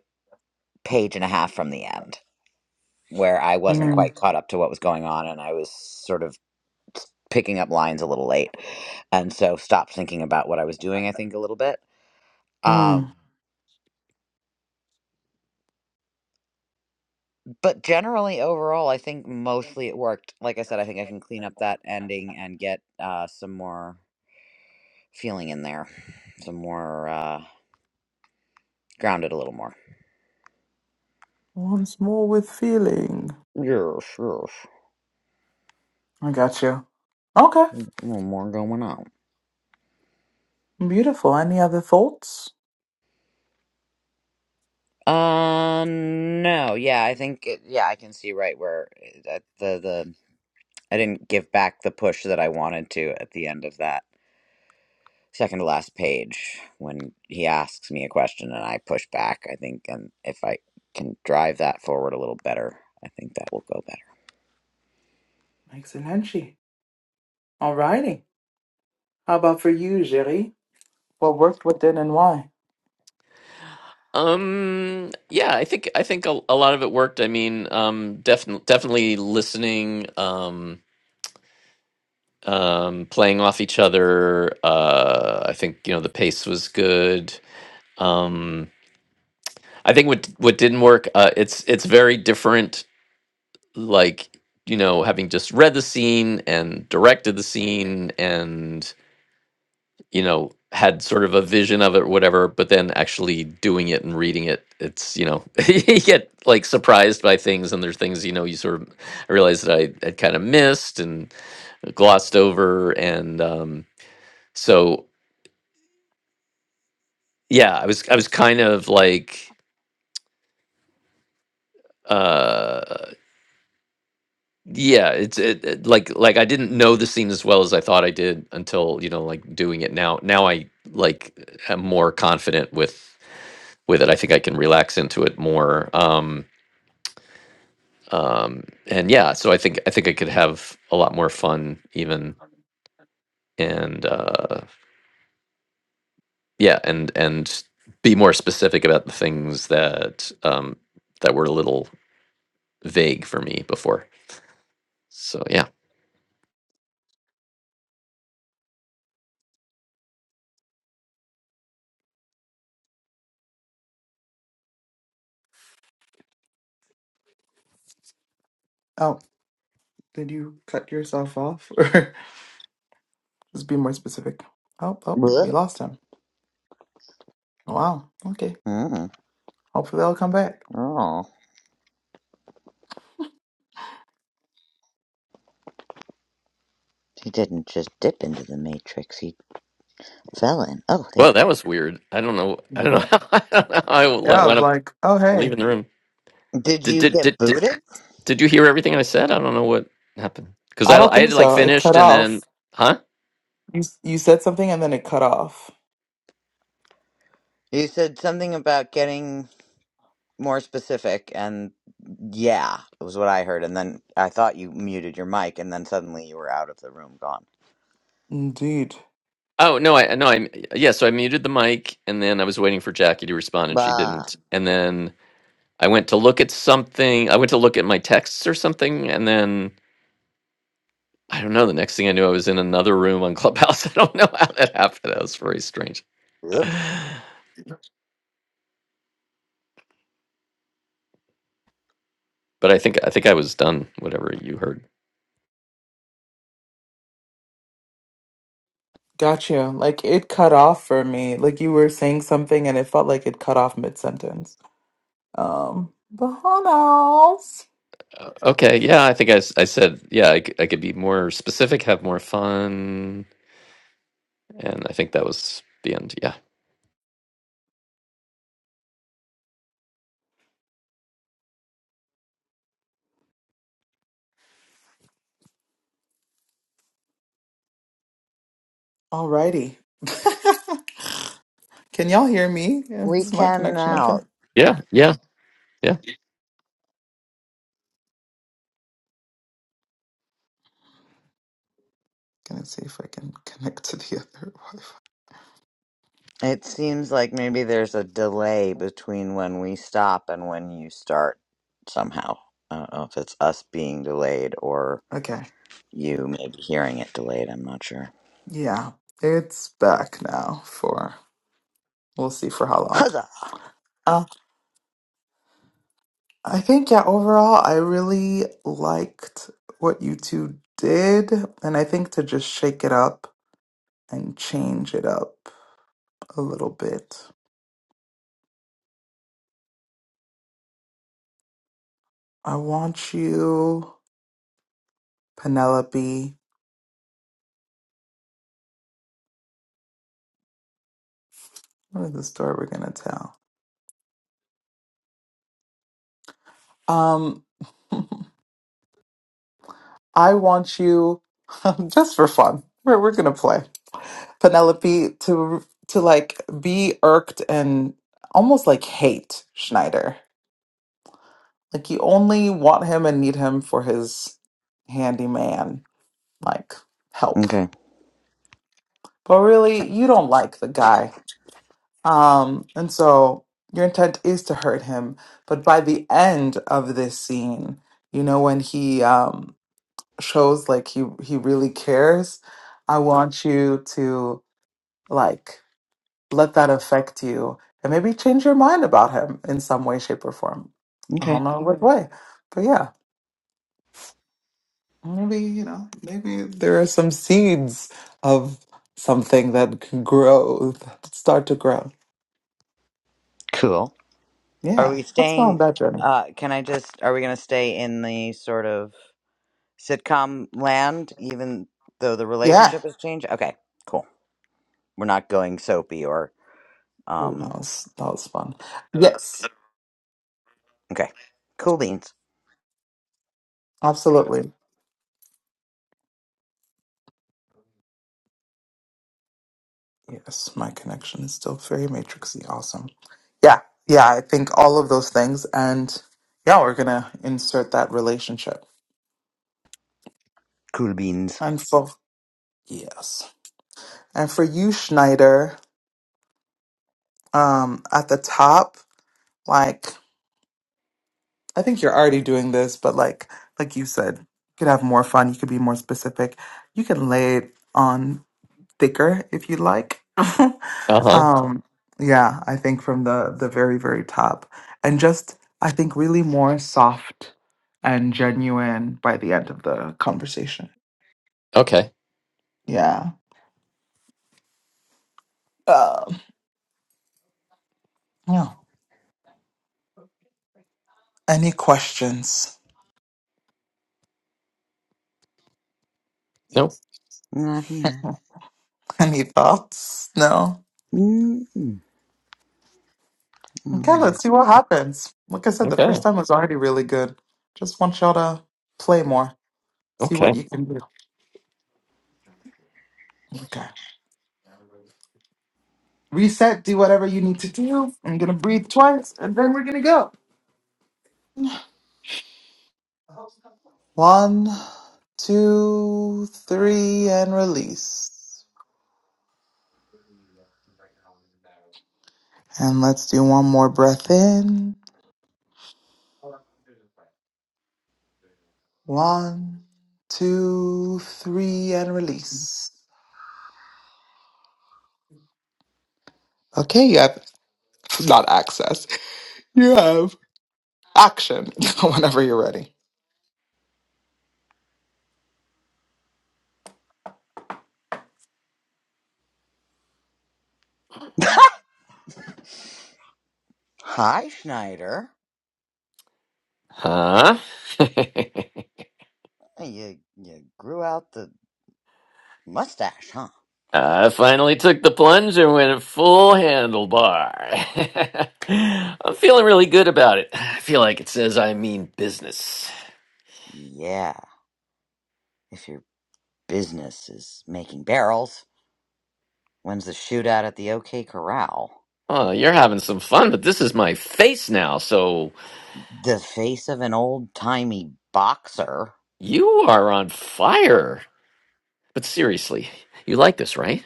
Speaker 3: page and a half from the end, where I wasn't
Speaker 1: Mm.
Speaker 3: quite caught up to what was going on, and I was sort of picking up lines a little late, and so stopped thinking about what I was doing. I think a little bit. Um,
Speaker 1: Mm.
Speaker 3: but generally, overall, I think mostly it worked. Like I said, I think I can clean up that ending and get uh, some more feeling in there, some more uh, grounded a little more.
Speaker 1: Once more with feeling.
Speaker 3: Yes, yes.
Speaker 1: I got you. Okay,
Speaker 3: Well, more going on.
Speaker 1: beautiful. Any other thoughts?
Speaker 3: Uh, no, yeah, I think it, yeah, I can see right where it- that the the I didn't give back the push that I wanted to at the end of that second to last page when he asks me a question and I push back. I think, and if I can drive that forward a little better, I think that will go better.
Speaker 1: Excellent. Alrighty. How about for you, Jerry? What worked, what didn't, and why?
Speaker 2: Um, yeah, I think I think a, a lot of it worked. I mean, um, definitely definitely listening. Um, um, playing off each other. Uh, I think you know the pace was good. Um, I think what what didn't work. Uh, it's it's very different. Like you know, having just read the scene and directed the scene, and you know had sort of a vision of it, or whatever. But then actually doing it and reading it, it's you know you get like surprised by things, and there's things you know you sort of I realized that I had kind of missed and glossed over, and um, so yeah i was i was kind of like uh yeah it's it, it- like like i didn't know the scene as well as i thought i did until you know like doing it now now i like am more confident with with it i think i can relax into it more um um and yeah so i think i think i could have a lot more fun even and uh yeah and and be more specific about the things that um that were a little vague for me before so yeah
Speaker 1: Oh, did you cut yourself off? Let's be more specific. Oh, oh, we
Speaker 3: What?
Speaker 1: lost him. Wow. Okay.
Speaker 3: Mm.
Speaker 1: Hopefully they'll come back.
Speaker 3: Oh, he didn't just dip into the matrix; he fell in. Oh, there
Speaker 2: Well, that
Speaker 3: you.
Speaker 2: was weird. I don't know. I don't know.
Speaker 1: But
Speaker 2: How, I don't know. How I w-
Speaker 1: yeah, I was
Speaker 2: wound up
Speaker 1: like, oh hey.
Speaker 2: leaving the room.
Speaker 3: Did
Speaker 2: Did
Speaker 3: you
Speaker 2: did did
Speaker 3: get
Speaker 2: did,
Speaker 3: booted?
Speaker 2: did you hear everything I said? I don't know what happened because
Speaker 1: I
Speaker 2: I
Speaker 1: don't
Speaker 2: I
Speaker 1: think
Speaker 2: had like
Speaker 1: so. It cut
Speaker 2: finished and
Speaker 1: off.
Speaker 2: then huh?
Speaker 1: You you said something and then it cut off.
Speaker 3: You said something about getting. more specific and yeah it was what i heard and then i thought you muted your mic and then suddenly you were out of the room gone
Speaker 1: Indeed.
Speaker 2: Oh no, I no I yeah. So I muted the mic and then I was waiting for Jackie to respond and she
Speaker 3: bah
Speaker 2: didn't. And then I went to look at something. I went to look at my texts or something and then I don't know. The next thing I knew, I was in another room on Clubhouse. I don't know how that happened. That was very strange.
Speaker 3: oops.
Speaker 2: But I think I think I was done. Whatever you heard.
Speaker 1: Got you. Like it cut off for me. Like you were saying something and it felt like it cut off mid sentence. Um, but who knows?
Speaker 2: Uh, Okay, yeah, I think I, s- I said, yeah, I, c- I could be more specific, have more fun, and I think that was the end. Yeah.
Speaker 1: Alrighty. can y'all hear me?
Speaker 3: we
Speaker 1: Is my
Speaker 3: can
Speaker 1: connection okay?
Speaker 3: now
Speaker 2: Yeah, yeah, yeah.
Speaker 1: Gonna see if I can connect to the other Wi-Fi.
Speaker 3: it seems like maybe there's a delay between when we stop and when you start somehow i don't know if it's us being delayed or
Speaker 1: Okay.
Speaker 3: you maybe hearing it delayed i'm not sure
Speaker 1: Yeah, it's back now for we'll see for how long.
Speaker 3: Huzzah!
Speaker 1: Uh, I think, yeah, overall, I really liked what you two did, and I think to just shake it up and change it up a little bit. I want you, Penelope. What is the story we're gonna tell? Um, I want you just for fun. We're we're gonna play. Penelope to to like be irked and almost like hate Schneider. Like you only want him and need him for his handyman like help.
Speaker 3: okay
Speaker 1: But really you don't like the guy. Um and so your intent is to hurt him, but by the end of this scene, you know when he um shows like he he really cares, I want you to like let that affect you and maybe change your mind about him in some way, shape, or form. I
Speaker 3: okay
Speaker 1: don't know what way, but yeah, maybe, you know, maybe there are some seeds of something that can grow, that start to grow.
Speaker 3: cool are
Speaker 1: Yeah,
Speaker 3: we
Speaker 1: let's go on
Speaker 3: staying
Speaker 1: that journey.
Speaker 3: uh can i just are we gonna stay in the sort of sitcom land, even though the
Speaker 1: Yeah.
Speaker 3: relationship has changed? Okay, cool. We're not going soapy or
Speaker 1: Ooh, that
Speaker 3: um.
Speaker 1: was, that was fun. Yes,
Speaker 3: Okay, cool beans.
Speaker 1: absolutely. Yes, my connection is still very matrixy. Awesome. Yeah, yeah, I think all of those things. And yeah, we're going to insert that relationship.
Speaker 3: Cool beans.
Speaker 1: and so. Yes. And for you, Schneider, um, at the top, like I think you're already doing this, but like like you said, you could have more fun, you could be more specific. You can lay it on thicker if you like.
Speaker 2: Uh-huh.
Speaker 1: um, yeah, I think from the the very, very top. And just I think really more soft and genuine by the end of the conversation.
Speaker 2: Okay.
Speaker 1: Yeah. Um yeah. Any questions?
Speaker 2: No.
Speaker 3: Not here.
Speaker 1: Any thoughts? No?
Speaker 3: Mm-mm.
Speaker 1: Okay,
Speaker 3: Mm.
Speaker 1: let's see what happens. Like I said, the
Speaker 2: Okay.
Speaker 1: first time was already really good. Just want y'all to play more, see what
Speaker 2: Okay.
Speaker 1: you can do. Okay. Reset, do whatever you need to do. I'm going to breathe twice, and then we're going to go. One, two, three, and release. And let's do one more breath in. One, two, three, and release. Okay, you have not access. You have action whenever you're ready.
Speaker 3: Hi, Schneider.
Speaker 2: Huh?
Speaker 3: Hey, You you grew out the mustache, huh?
Speaker 2: I finally took the plunge and went full handlebar. I'm feeling really good about it. I feel like it says I mean business.
Speaker 3: Yeah. If your business is making barrels, when's the shootout at the OK Corral?
Speaker 2: Oh, you're having some fun, but this is my face now, so
Speaker 3: The face of an old timey boxer.
Speaker 2: you are on fire. But seriously, you like this, right?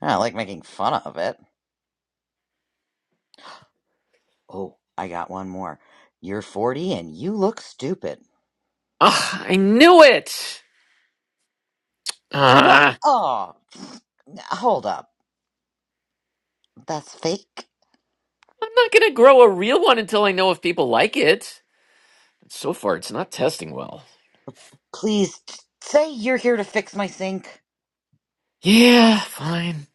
Speaker 3: I like making fun of it. Oh, I got one more. You're 40 and you look stupid.
Speaker 2: Ah, I knew it!
Speaker 3: What?
Speaker 2: Ah,
Speaker 3: Oh, hold up. That's fake.
Speaker 2: I'm not gonna grow a real one until I know if people like it. So far, it's not testing well.
Speaker 3: Please t- say you're here to fix my sink.
Speaker 2: Yeah, fine.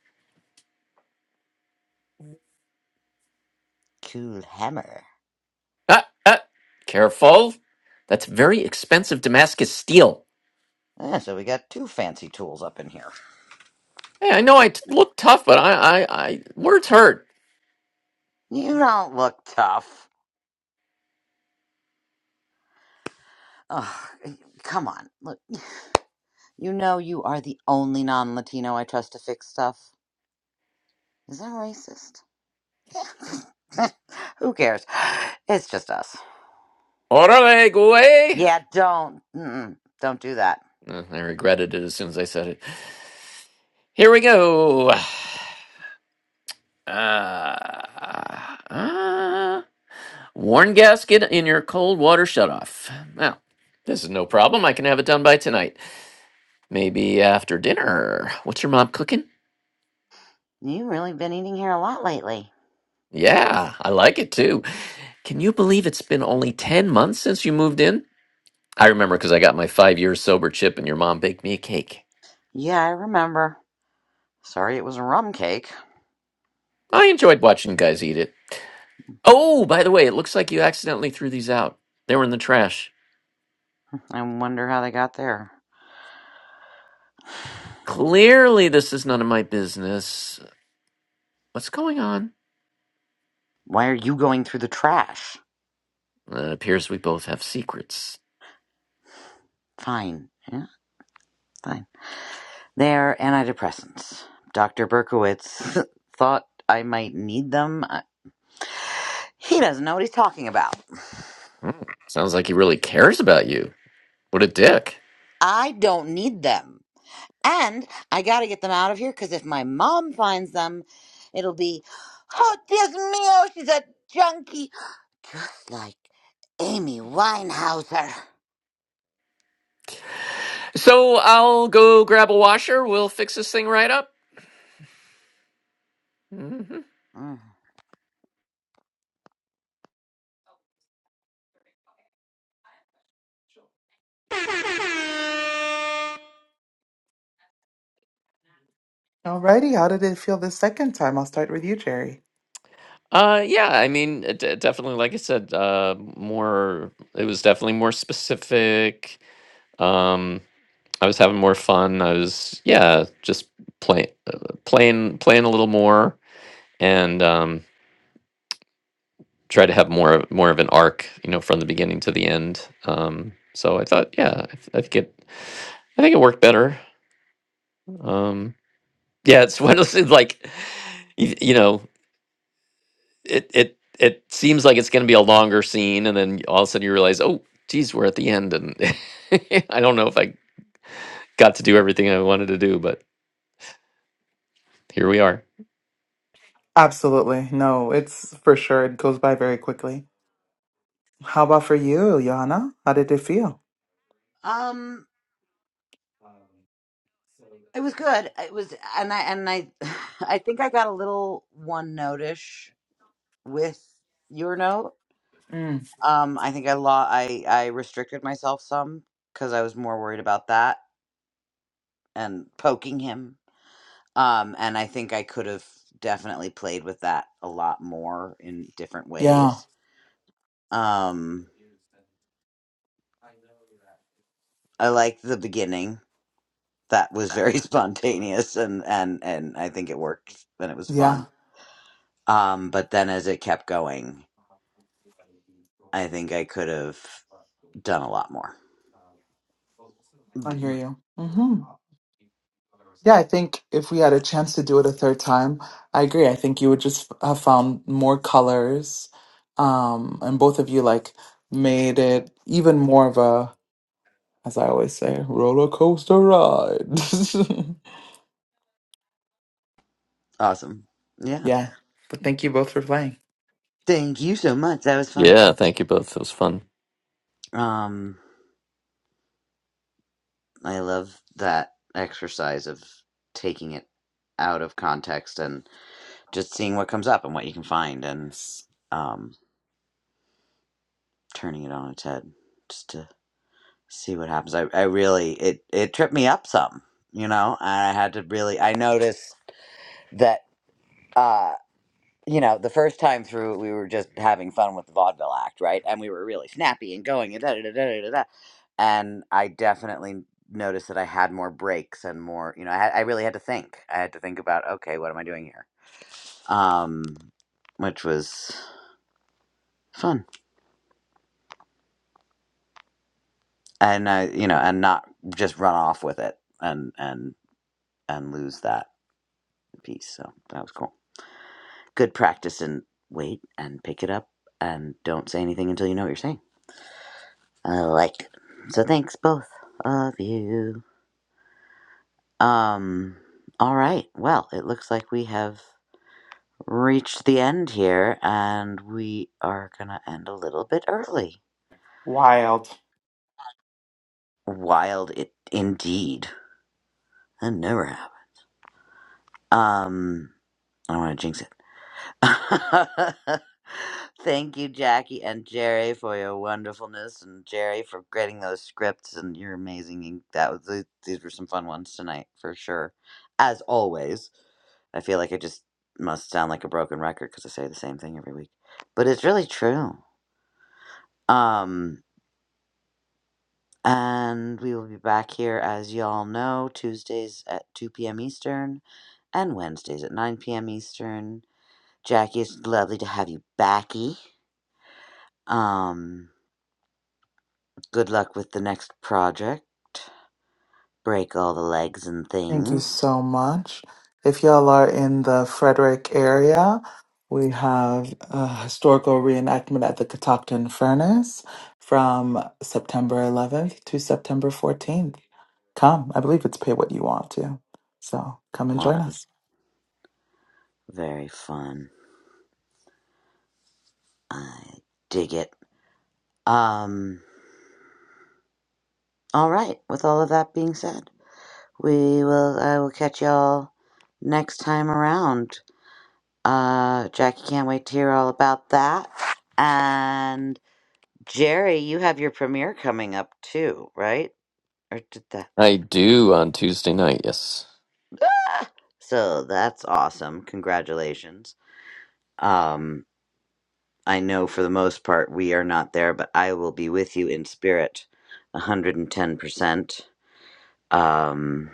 Speaker 3: Cool hammer.
Speaker 2: Ah, ah, careful. That's very expensive Damascus steel.
Speaker 3: Yeah, so we got two fancy tools up in here.
Speaker 2: Hey, I know I t- look tough, but I, I, I, words hurt.
Speaker 3: You don't look tough. Oh, come on. Look, you know you are the only non Latino I trust to fix stuff. Is that racist? Who cares? It's just us.
Speaker 2: Orale, go away.
Speaker 3: Yeah, don't. Mm-mm, don't do that.
Speaker 2: Uh, I regretted it as soon as I said it. Here we go. Ah. uh, Worn gasket in your cold water shutoff. Well, this is no problem. I can have it done by tonight. Maybe after dinner. What's your mom cooking?
Speaker 3: You really been eating here a lot lately.
Speaker 2: Yeah, I like it too. Can you believe it's been only 10 months since you moved in? I remember because I got my five years sober chip and your mom baked me a cake.
Speaker 3: Yeah, I remember. Sorry it was a rum cake.
Speaker 2: I enjoyed watching you guys eat it. Oh, by the way, it looks like you accidentally threw these out. They were in the trash.
Speaker 3: I wonder how they got there.
Speaker 2: Clearly, this is none of my business. What's going on?
Speaker 3: Why are you going through the trash?
Speaker 2: Uh, It appears we both have secrets.
Speaker 3: Fine. Yeah, fine. They're antidepressants. Dr. Berkowitz thought I might need them. He doesn't know what he's talking about.
Speaker 2: Mm, sounds like he really cares about you. What a dick.
Speaker 3: I don't need them. And I gotta get them out of here because if my mom finds them, it'll be, oh, Dios mío, she's a junkie. Just like Amy Winehouser.
Speaker 2: So I'll go grab a washer. We'll fix this thing right up. hmm
Speaker 3: Mm.
Speaker 1: Alrighty, how did it feel the second time? I'll start with you, Jerry.
Speaker 2: Uh, yeah, I mean, it, it definitely, like I said, uh, more, it was definitely more specific. Um, I was having more fun. I was, yeah, just playing, playing, playing a little more and, um, try to have more, of- more of an arc, you know, from the beginning to the end. Um, so I thought, yeah, I, th- I think it, I think it worked better. Um, Yeah, it's one of those things like you, you know, it it it seems like it's going to be a longer scene, and then all of a sudden you realize, oh, geez, we're at the end, and I don't know if I got to do everything I wanted to do, but here we are.
Speaker 1: Absolutely. No, it's for sure. It goes by very quickly. How about for you, Ilyana? How did it feel?
Speaker 3: Um, it was good. It was, and I and I, I think I got a little one notish with your note.
Speaker 1: Mm.
Speaker 3: Um, I think I law I I restricted myself some because I was more worried about that and poking him. Um, and I think I could have definitely played with that a lot more in different
Speaker 1: Yeah,
Speaker 3: ways. Um, I liked the beginning. that was very spontaneous and and and I think it worked and it was
Speaker 1: yeah,
Speaker 3: fun. Um, but then as it kept going, I think I could have done a lot more.
Speaker 1: I
Speaker 3: B-
Speaker 1: hear you. Mm-hmm. Yeah, I think if we had a chance to do it a third time, I agree. I think you would just have found more colors. Um, and both of you like made it even more of a, as I always say, roller coaster ride.
Speaker 3: Awesome, yeah.
Speaker 1: Yeah. But thank you both for playing.
Speaker 3: Thank you so much. That was fun.
Speaker 2: Yeah, thank you both. It was fun.
Speaker 3: Um, I love that exercise of taking it out of context and just seeing what comes up and what you can find and
Speaker 1: It's
Speaker 3: um turning it on its head. Just. to see what happens. I, I really it it tripped me up some, you know, and I had to really I noticed that uh you know, the first time through we were just having fun with the vaudeville act, right? And we were really snappy and going and da da da da da da. da. And I definitely noticed that I had more breaks and more, you know, I had, I really had to think. I had to think about, okay, what am I doing here? Um which was fun. And I you know, and not just run off with it and and and lose that piece. So that was cool. good practice and wait and pick it up and don't say anything until you know what you're saying. I liked it. So thanks both of you. Um all right. Well, it looks like we have reached the end here and we are going to end a little bit early.
Speaker 1: Wild.
Speaker 3: Wild it indeed. That never happened. Um I don't want to jinx it. Thank you, Jackie and Jerry, for your wonderfulness, and Jerry for getting those scripts. And you're amazing. You- That was th- these were some fun ones tonight for sure, as always. I feel like I just must sound like a broken record because I say the same thing every week, but it's really true. Um, and we will be back here, as y'all know, Tuesdays at 2 p.m. Eastern and Wednesdays at 9 p.m. Eastern. Jackie, it's lovely to have you backy. Um, good luck with the next project. Break all the legs and
Speaker 1: Thank you
Speaker 3: things.
Speaker 1: so much. If y'all are in the Frederick area, we have a historical reenactment at the Catoctin Furnace from September 11th to September 14th. Come, I believe it's pay what you want to. So come and join
Speaker 3: Fun.
Speaker 1: us.
Speaker 3: Very fun. I dig it. Um, all right. With all of that being said, we will, I will catch y'all next time around. Uh, Jackie can't wait to hear all about that. And Jerry, you have your premiere coming up too, right? Or did that?
Speaker 2: I do on Tuesday night. Yes.
Speaker 3: So that's awesome. Congratulations. Um, I know for the most part we are not there, but I will be with you in spirit 110%. Um,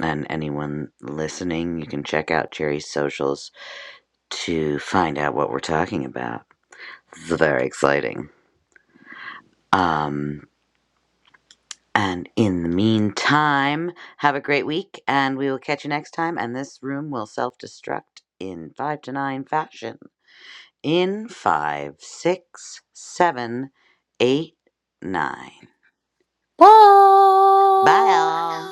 Speaker 3: and anyone listening, you can check out Jerry's socials to find out what we're talking about. It's very exciting. Um, and in the meantime, have a great week, and we will catch you next time. And this room will self destruct in 5 to 9 fashion. In five, six, seven, eight, nine. Bye, all.